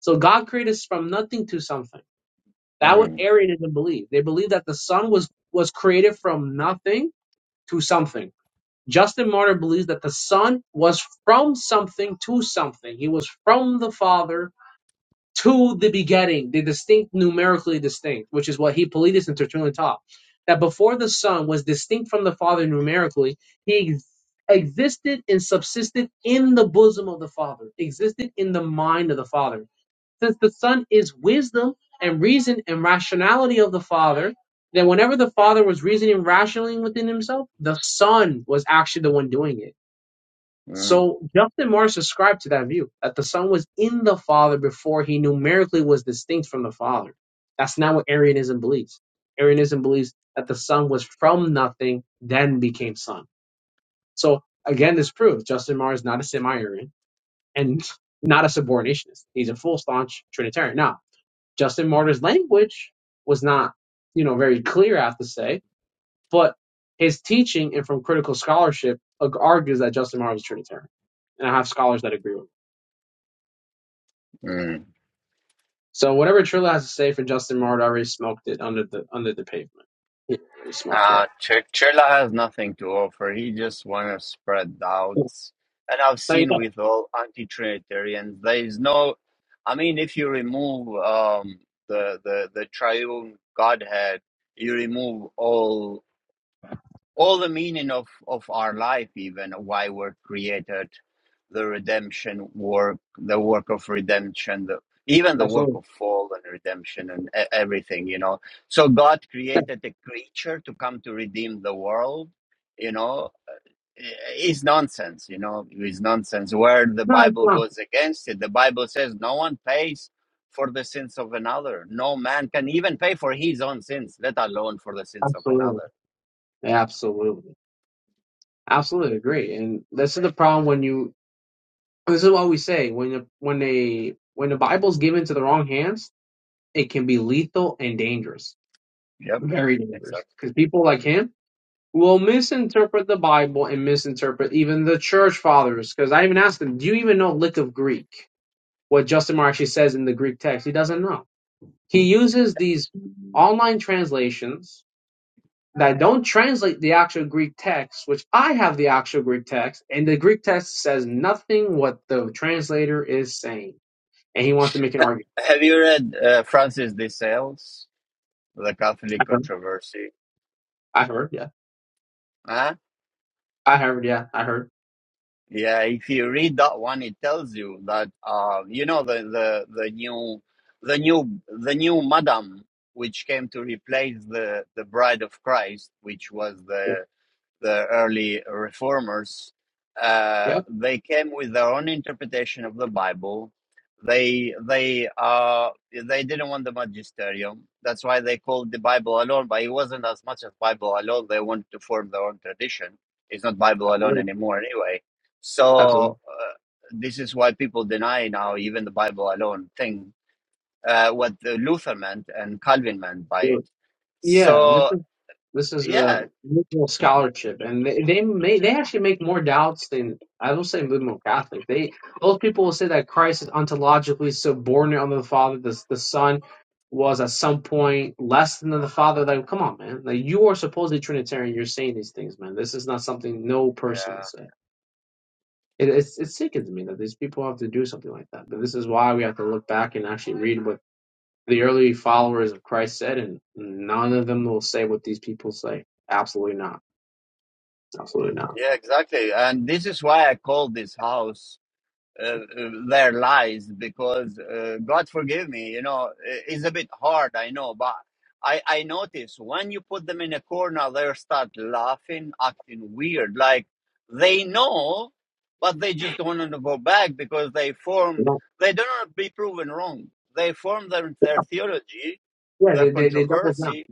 Speaker 3: So God created us from nothing to something. That what
Speaker 1: Hmm.
Speaker 3: Arianism believed. They believed that the sun was was created from nothing to something. Justin Martyr believes that the sun was from something to something. He was from the Father to the begetting, the distinct, numerically distinct, which is what Hippolytus and Tertullian taught, that before the Son was distinct from the Father numerically, he ex- existed and subsisted in the bosom of the Father, existed in the mind of the Father. Since the Son is wisdom and reason and rationality of the Father, then whenever the Father was reasoning rationally within himself, the Son was actually the one doing it
Speaker 1: Hmm.
Speaker 3: so Justin Morris subscribed to that view that the Son was in the Father before he numerically was distinct from the Father. That's not what Arianism believes. Arianism believes that the Son was from nothing, then became Son. So again, this proves Justin Morris is not a semi-Arian and not a subordinationist. He's a full staunch Trinitarian. Now, Justin Martyr's language was not, you know, very clear. I have to say but his teaching and from critical scholarship argues that Justin Martyr was a Trinitarian. And I have scholars that agree with me.
Speaker 1: hmm.
Speaker 3: So whatever Trilla has to say for Justin Martyr, I already smoked it under the under the pavement. Yeah, I smoked that.
Speaker 1: Uh, Ch- Chirla has nothing to offer. He just wants to spread doubts. And I've
Speaker 3: Yeah.
Speaker 1: seen with all anti-Trinitarians, there is no. I mean, if you remove um, the, the the triune Godhead, you remove all all the meaning of of our life even why we're created the redemption work the work of redemption the even
Speaker 3: No, you don't.
Speaker 1: the work
Speaker 3: Absolutely.
Speaker 1: of fall and redemption and e- everything you know so god
Speaker 3: Yeah.
Speaker 1: created a creature to come to redeem the world you know i- is nonsense you know is nonsense where the
Speaker 3: No, it's
Speaker 1: bible
Speaker 3: not.
Speaker 1: goes against it the bible says no one pays for the sins of another no man can even pay for his own sins let alone for the sins of
Speaker 3: Absolutely.
Speaker 1: another
Speaker 3: Yeah, absolutely. Absolutely agree. And this is the problem when you this is what we say when the when they when the Bible's given to the wrong hands, it can be lethal and dangerous.
Speaker 1: yep
Speaker 3: Very
Speaker 1: exactly
Speaker 3: dangerous. Because people like him will misinterpret the Bible and misinterpret even the church fathers. Because I even asked him, do you even know a lick of Greek? What Justin Marr actually says in the Greek text, he doesn't know. He uses these online translations that don't translate the actual Greek text, which I have the actual Greek text, and the Greek text says nothing what the translator is saying. And he wants to make an argument.
Speaker 1: Have you read uh, Francis de Sales, The Catholic
Speaker 3: I heard,
Speaker 1: Controversy?
Speaker 3: I heard yeah.
Speaker 1: Huh?
Speaker 3: I heard, yeah, I heard.
Speaker 1: Yeah, if you read that one, it tells you that uh, you know the, the the new the new the new madam which came to replace the the bride of Christ, which was the the early reformers, uh,
Speaker 3: Yeah,
Speaker 1: they came with their own interpretation of the Bible. They they uh they didn't want the magisterium. That's why they called the Bible alone. But it wasn't as much as Bible alone. They wanted to form their own tradition. It's not Bible alone
Speaker 3: absolutely.
Speaker 1: anymore anyway. So
Speaker 3: absolutely.
Speaker 1: uh, this is why people deny now even the Bible alone thing. Uh, what the Luther meant and Calvin meant by it.
Speaker 3: Yeah, this
Speaker 1: So
Speaker 3: is this is
Speaker 1: yeah,
Speaker 3: a liberal scholarship, and they they, may, they actually make more doubts than I will say liberal Catholic. They most people will say that Christ is ontologically subordinate unto the Father. The the Son was at some point less than the Father. Like, come on, man! Like you are supposedly Trinitarian. You're saying these things, man. This is not something no person would
Speaker 1: Uh,
Speaker 3: say. It it's, it sickens me that these people have to do something like that. But this is why we have to look back and actually read. what. The early followers of Christ said, and none of them will say what these people say. Absolutely not. Absolutely not.
Speaker 1: Yeah, exactly. And this is why I call this house uh, uh, Their Lies, because uh, God forgive me, you know, i- it's a bit hard, I know, but I, I notice when you put them in a corner, they start laughing, acting weird. Like they know, but they just don't want to go back because they formed,
Speaker 3: No.
Speaker 1: they don't want to be proven wrong. They formed their, their theology,
Speaker 3: Yeah,
Speaker 1: their
Speaker 3: they, they, they double down.
Speaker 1: controversy,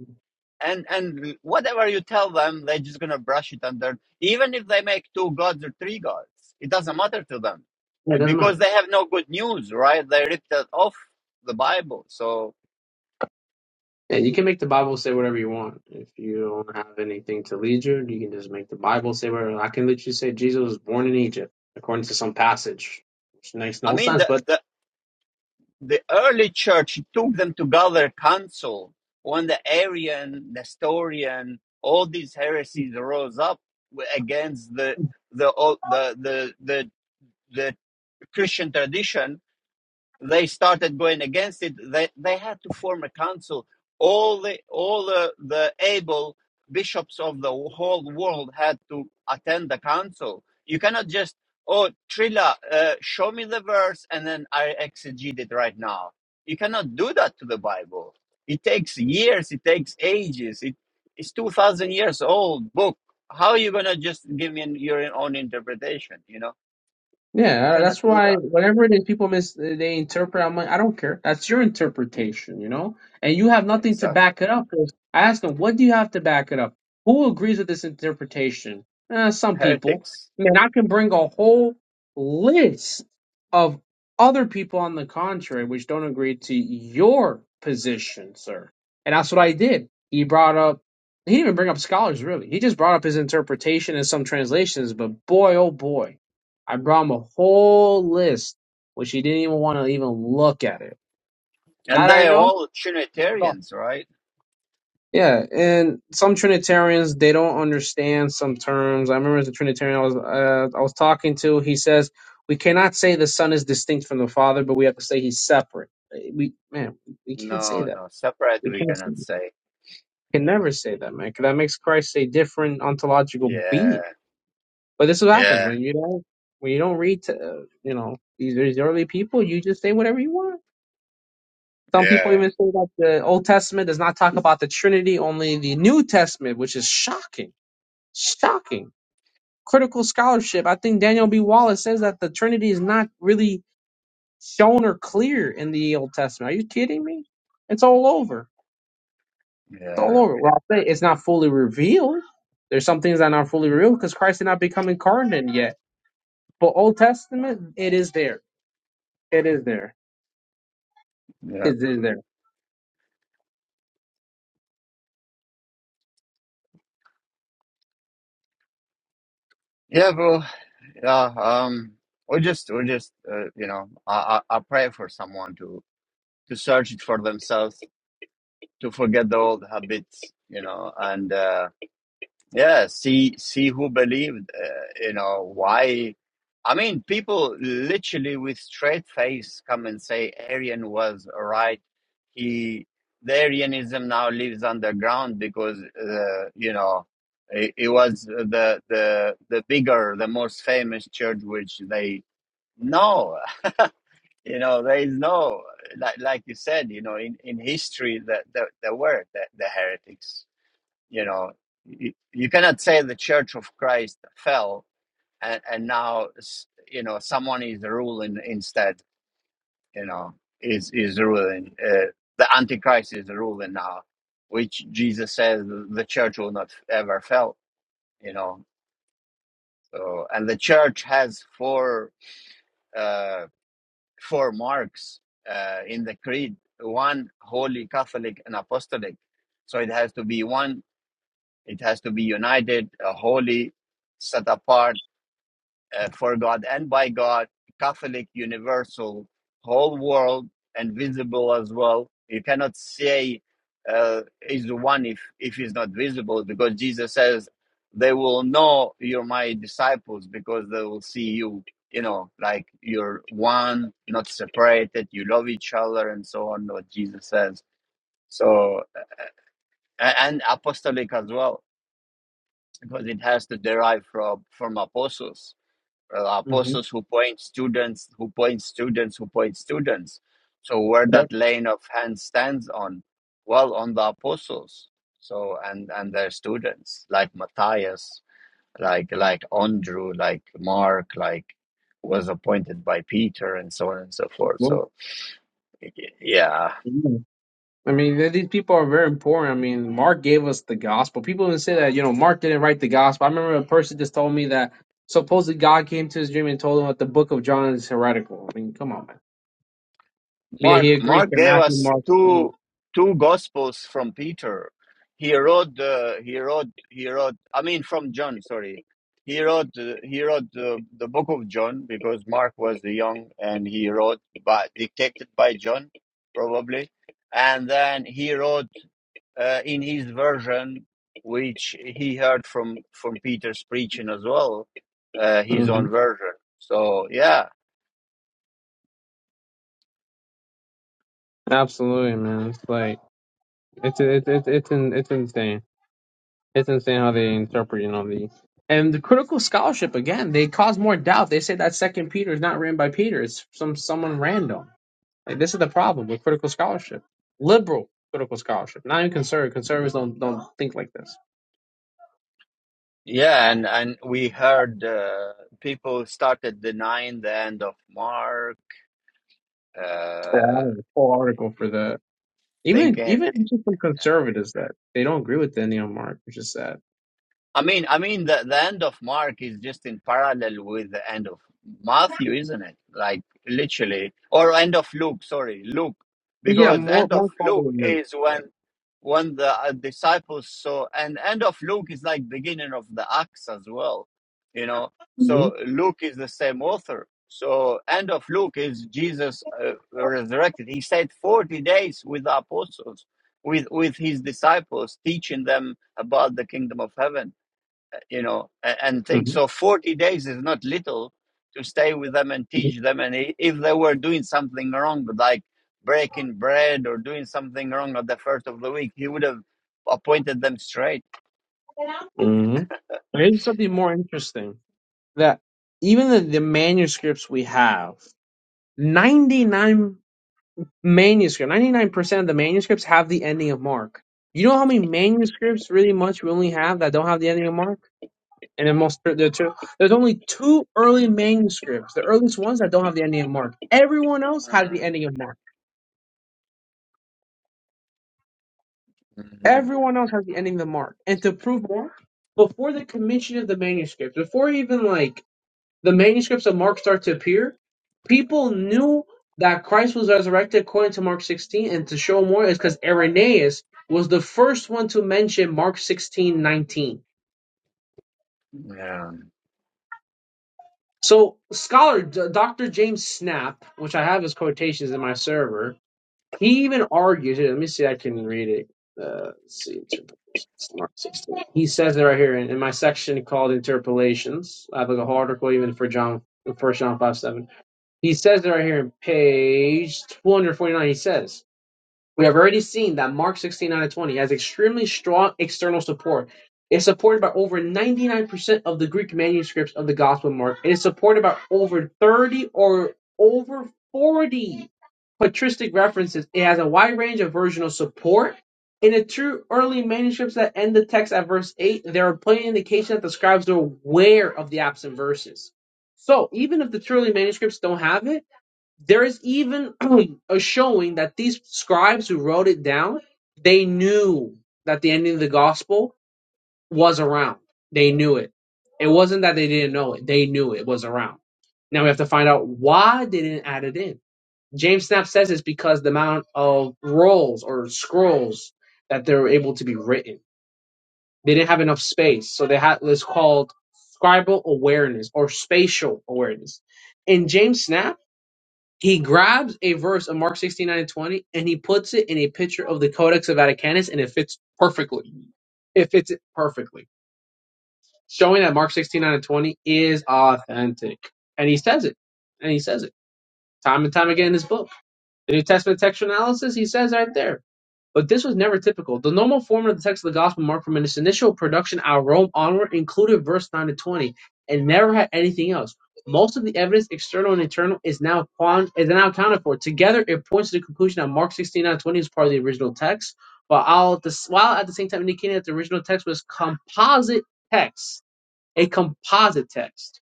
Speaker 1: and and whatever you tell them they're just gonna brush it under even if they make two gods or three gods it doesn't matter to them
Speaker 3: Yeah, it doesn't matter.
Speaker 1: because they have no good news right they ripped it off the bible so
Speaker 3: Yeah, you can make the Bible say whatever you want. If you don't have anything to lead you, you can just make the Bible say whatever. I can literally say Jesus was born in Egypt, according to some passage, which makes
Speaker 1: i
Speaker 3: no
Speaker 1: mean
Speaker 3: sense.
Speaker 1: the
Speaker 3: But
Speaker 1: the, the early church took them to gather council when the arian nestorian all these heresies rose up against the the the the the, the christian tradition they started going against it. They they had to form a council. All the all the, the able bishops of the whole world had to attend the council. You cannot just oh Trilla, uh, show me the verse and then I exegete it right now. You cannot do that to the Bible. It takes years. It takes ages. It, it's two thousand years old book. How are you gonna just give me your own interpretation? You know you
Speaker 3: Yeah, uh,
Speaker 1: cannot
Speaker 3: that's
Speaker 1: do
Speaker 3: why
Speaker 1: that.
Speaker 3: whatever it is people mis they interpret, I'm like, I don't care. That's your interpretation, you know? And you have nothing to
Speaker 1: Exactly,
Speaker 3: back it up. 'Cause I asked them, what do you have to back it up? Who agrees with this interpretation? Eh, some people.
Speaker 1: heretics.
Speaker 3: Man, I can bring a whole list of other people on the contrary which don't agree to your position, sir. And that's what I did. He brought up, he didn't even bring up scholars, really. He just brought up his interpretation and some translations, but boy, oh boy I brought him a whole list, which he didn't even want to even look at it.
Speaker 1: And
Speaker 3: That I
Speaker 1: they're
Speaker 3: know.
Speaker 1: all
Speaker 3: No.
Speaker 1: Trinitarians, right?
Speaker 3: Yeah, and some Trinitarians they don't understand some terms. I remember as a Trinitarian I was uh, I was talking to. He says we cannot say the Son is distinct from the Father, but we have to say he's separate. Uh, We man, we can't say
Speaker 1: No,
Speaker 3: that.
Speaker 1: no, separate
Speaker 3: We
Speaker 1: we
Speaker 3: can't. Say
Speaker 1: cannot
Speaker 3: that.
Speaker 1: say.
Speaker 3: Can never say that, man. 'cause that makes Christ a different ontological
Speaker 1: Yeah,
Speaker 3: being. But this is what happens
Speaker 1: yeah,
Speaker 3: when you don't when you don't read. To, uh, you know these these early people. You just say whatever you want Some people
Speaker 1: yeah,
Speaker 3: even say that the Old Testament does not talk about the Trinity, only the New Testament, which is shocking. Shocking. Critical scholarship. I think Daniel B. Wallace says that the Trinity is not really shown or clear in the Old Testament. Are you kidding me? It's all over. It's all
Speaker 1: yeah,
Speaker 3: over. Well, I'll say it's not fully revealed. There's some things that are not fully revealed because Christ did not become incarnate yet. But Old Testament, it is there. It is there.
Speaker 1: yeah,
Speaker 3: It is there.
Speaker 1: yeah, bro. Yeah, um, we just, we just, uh, you know, I, I, I pray for someone to to search it for themselves, to forget the old habits, you know, and. uh, Yeah, see see who believed, uh, you know, why. I mean, people literally with straight face come and say Arian was right. He the Arianism now lives underground because uh, you know it, it was the the the bigger, the most famous church which they no, you know, there is no like like you said, you know, in in history that the, there, there there were the, the heretics you know you, you cannot say the church of christ fell and, and now s- you know someone is ruling instead you know is is ruling uh, the antichrist is ruling now which jesus says the church will not ever fail you know so and the church has four uh four marks uh in the creed one holy catholic and apostolic so it has to be one It has to be united, uh, holy, set apart uh, for God and by God, Catholic, universal, whole world, and visible as well. You cannot say uh, is the one if if he's not visible, because Jesus says they will know you're my disciples because they will see you. You know, like you're one, not separated. You love each other, and so on. What Jesus says. So a- and apostolic as well because it has to derive from from apostles uh,
Speaker 3: Mm-hmm.
Speaker 1: apostles who point students who point students who point students so where
Speaker 3: Yep.
Speaker 1: that laying of hands stands on well on the apostles so and and their students like matthias like like andrew like mark like was appointed by peter and so on and so forth
Speaker 3: Well,
Speaker 1: so yeah
Speaker 3: mm. I mean, th- these people are very important. I mean, Mark gave us the gospel. People even say that, you know, Mark didn't write the gospel. I remember a person just told me that supposedly God came to his dream and told him that the book of John is heretical. I mean, come on, man. But yeah,
Speaker 1: Mark
Speaker 3: he agrees
Speaker 1: Mark
Speaker 3: with
Speaker 1: gave
Speaker 3: Matthew,
Speaker 1: us
Speaker 3: Mark.
Speaker 1: two two gospels from Peter. He wrote the he wrote he wrote I mean from John sorry. He wrote uh, he wrote the, the book of John because Mark was young and he wrote by dictated by John probably, and then he wrote uh, in his version which he heard from from Peter's preaching as well, uh, his
Speaker 3: hmm
Speaker 1: own version. So yeah,
Speaker 3: Absolutely, man. It's like it's it's it's it's, in, it's insane. It's insane how they interpret, you know, the and the critical scholarship again. They cause more doubt. They say that Second Peter is not written by Peter. It's some someone random. Like this is the problem with critical scholarship, liberal critical scholarship. Not even conservative. Conservatives don't don't think like this.
Speaker 1: Yeah, and and we heard uh, people started denying the end of Mark,
Speaker 3: Yeah,
Speaker 1: uh,
Speaker 3: I have a full article for that. Even
Speaker 1: thinking.
Speaker 3: even just from conservatives that they don't agree with the neo mark, which is sad.
Speaker 1: I mean, I mean, the, the end of Mark is just in parallel with the end of Matthew, isn't it? Like literally, or end of Luke. Sorry, Luke,
Speaker 3: Yeah,
Speaker 1: because
Speaker 3: more
Speaker 1: end of
Speaker 3: more
Speaker 1: Luke
Speaker 3: follow new.
Speaker 1: is
Speaker 3: Yeah.
Speaker 1: when when the uh, disciples saw, and end of Luke is like beginning of the Acts as well, you know.
Speaker 3: hmm
Speaker 1: So Luke is the same author. So end of Luke is Jesus uh, resurrected. He stayed forty days with the apostles, with with his disciples, teaching them about the kingdom of heaven you know, and, and things.
Speaker 3: hmm
Speaker 1: So 40 days is not little to stay with them and teach them. And if they were doing something wrong, like breaking bread or doing something wrong at the first of the week, he would have appointed them straight.
Speaker 3: hmm Here's something more interesting that even the, the manuscripts we have, ninety nine. manuscript. Ninety nine percent of the manuscripts have the ending of Mark. You know how many manuscripts really much we only have that don't have the ending of Mark? And the most there two, there's only two early manuscripts, the earliest ones that don't have the ending of Mark. Everyone else has the ending of Mark.
Speaker 1: Mm-hmm.
Speaker 3: Everyone else has the ending of Mark. And to prove more, before the commission of the manuscripts, before even like the manuscripts of Mark start to appear, people knew that Christ was resurrected according to Mark 16, and to show more is because Irenaeus was the first one to mention Mark 16:19.
Speaker 1: Yeah.
Speaker 3: So scholar D- Dr. James Snap, which I have his quotations in my server, he even argues. Here, let me see. I can read it. Uh, let's see. It's Mark 16. He says it right here in, in my section called Interpolations. I have like a whole article even for John, First John 5:7. He says it right here in page 249. He says, We have already seen that Mark 16 out of 20 has extremely strong external support. It's supported by over 99% of the Greek manuscripts of the Gospel of Mark. It is supported by over 30 or over 40 patristic references. It has a wide range of versional support. In the two early manuscripts that end the text at verse 8, there are plenty of indications that the scribes are aware of the absent verses. So, even if the truly manuscripts don't have it, there is even a showing that these scribes who wrote it down, they knew that the ending of the gospel was around. They knew it. It wasn't that they didn't know it. They knew it was around. Now we have to find out why they didn't add it in. James Snap says it's because the amount of rolls or scrolls that they were able to be written. They didn't have enough space. So they had what's called scribal awareness or spatial awareness. In James Snap, he grabs a verse of Mark 16, nine, and 20, and he puts it in a picture of the Codex of Vaticanus, and it fits perfectly. It fits it perfectly, showing that Mark 16, nine, and 20 is authentic. And he says it. And he says it time and time again in his book. The New Testament textual analysis, he says right there. But this was never typical. The normal form of the text of the Gospel of Mark from its initial production out of Rome onward included verse 9 to 20 and never had anything else. Most of the evidence, external and internal, is now quant- is now accounted for. Together, it points to the conclusion that Mark 16 out 20 is part of the original text, while, all at the, while at the same time indicating that the original text was composite text, a composite text.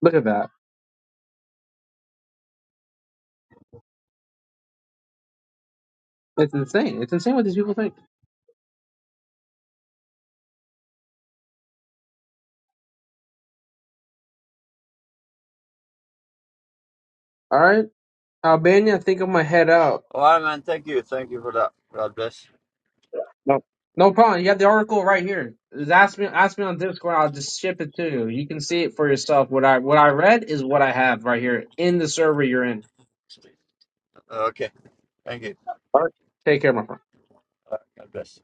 Speaker 3: Look at that. It's insane. It's insane what these people think. All right. Albania, I think I'm going to head out.
Speaker 1: All right, man. Thank you. Thank you for that. God bless.
Speaker 3: No, no problem. You have the article right here. Just ask me, ask me on Discord. I'll just ship it to you. You can see it for yourself. What I what I read is what I have right here in the server you're in.
Speaker 1: Okay. Thank you.
Speaker 3: All right. Take care, my friend.
Speaker 1: Uh, God bless.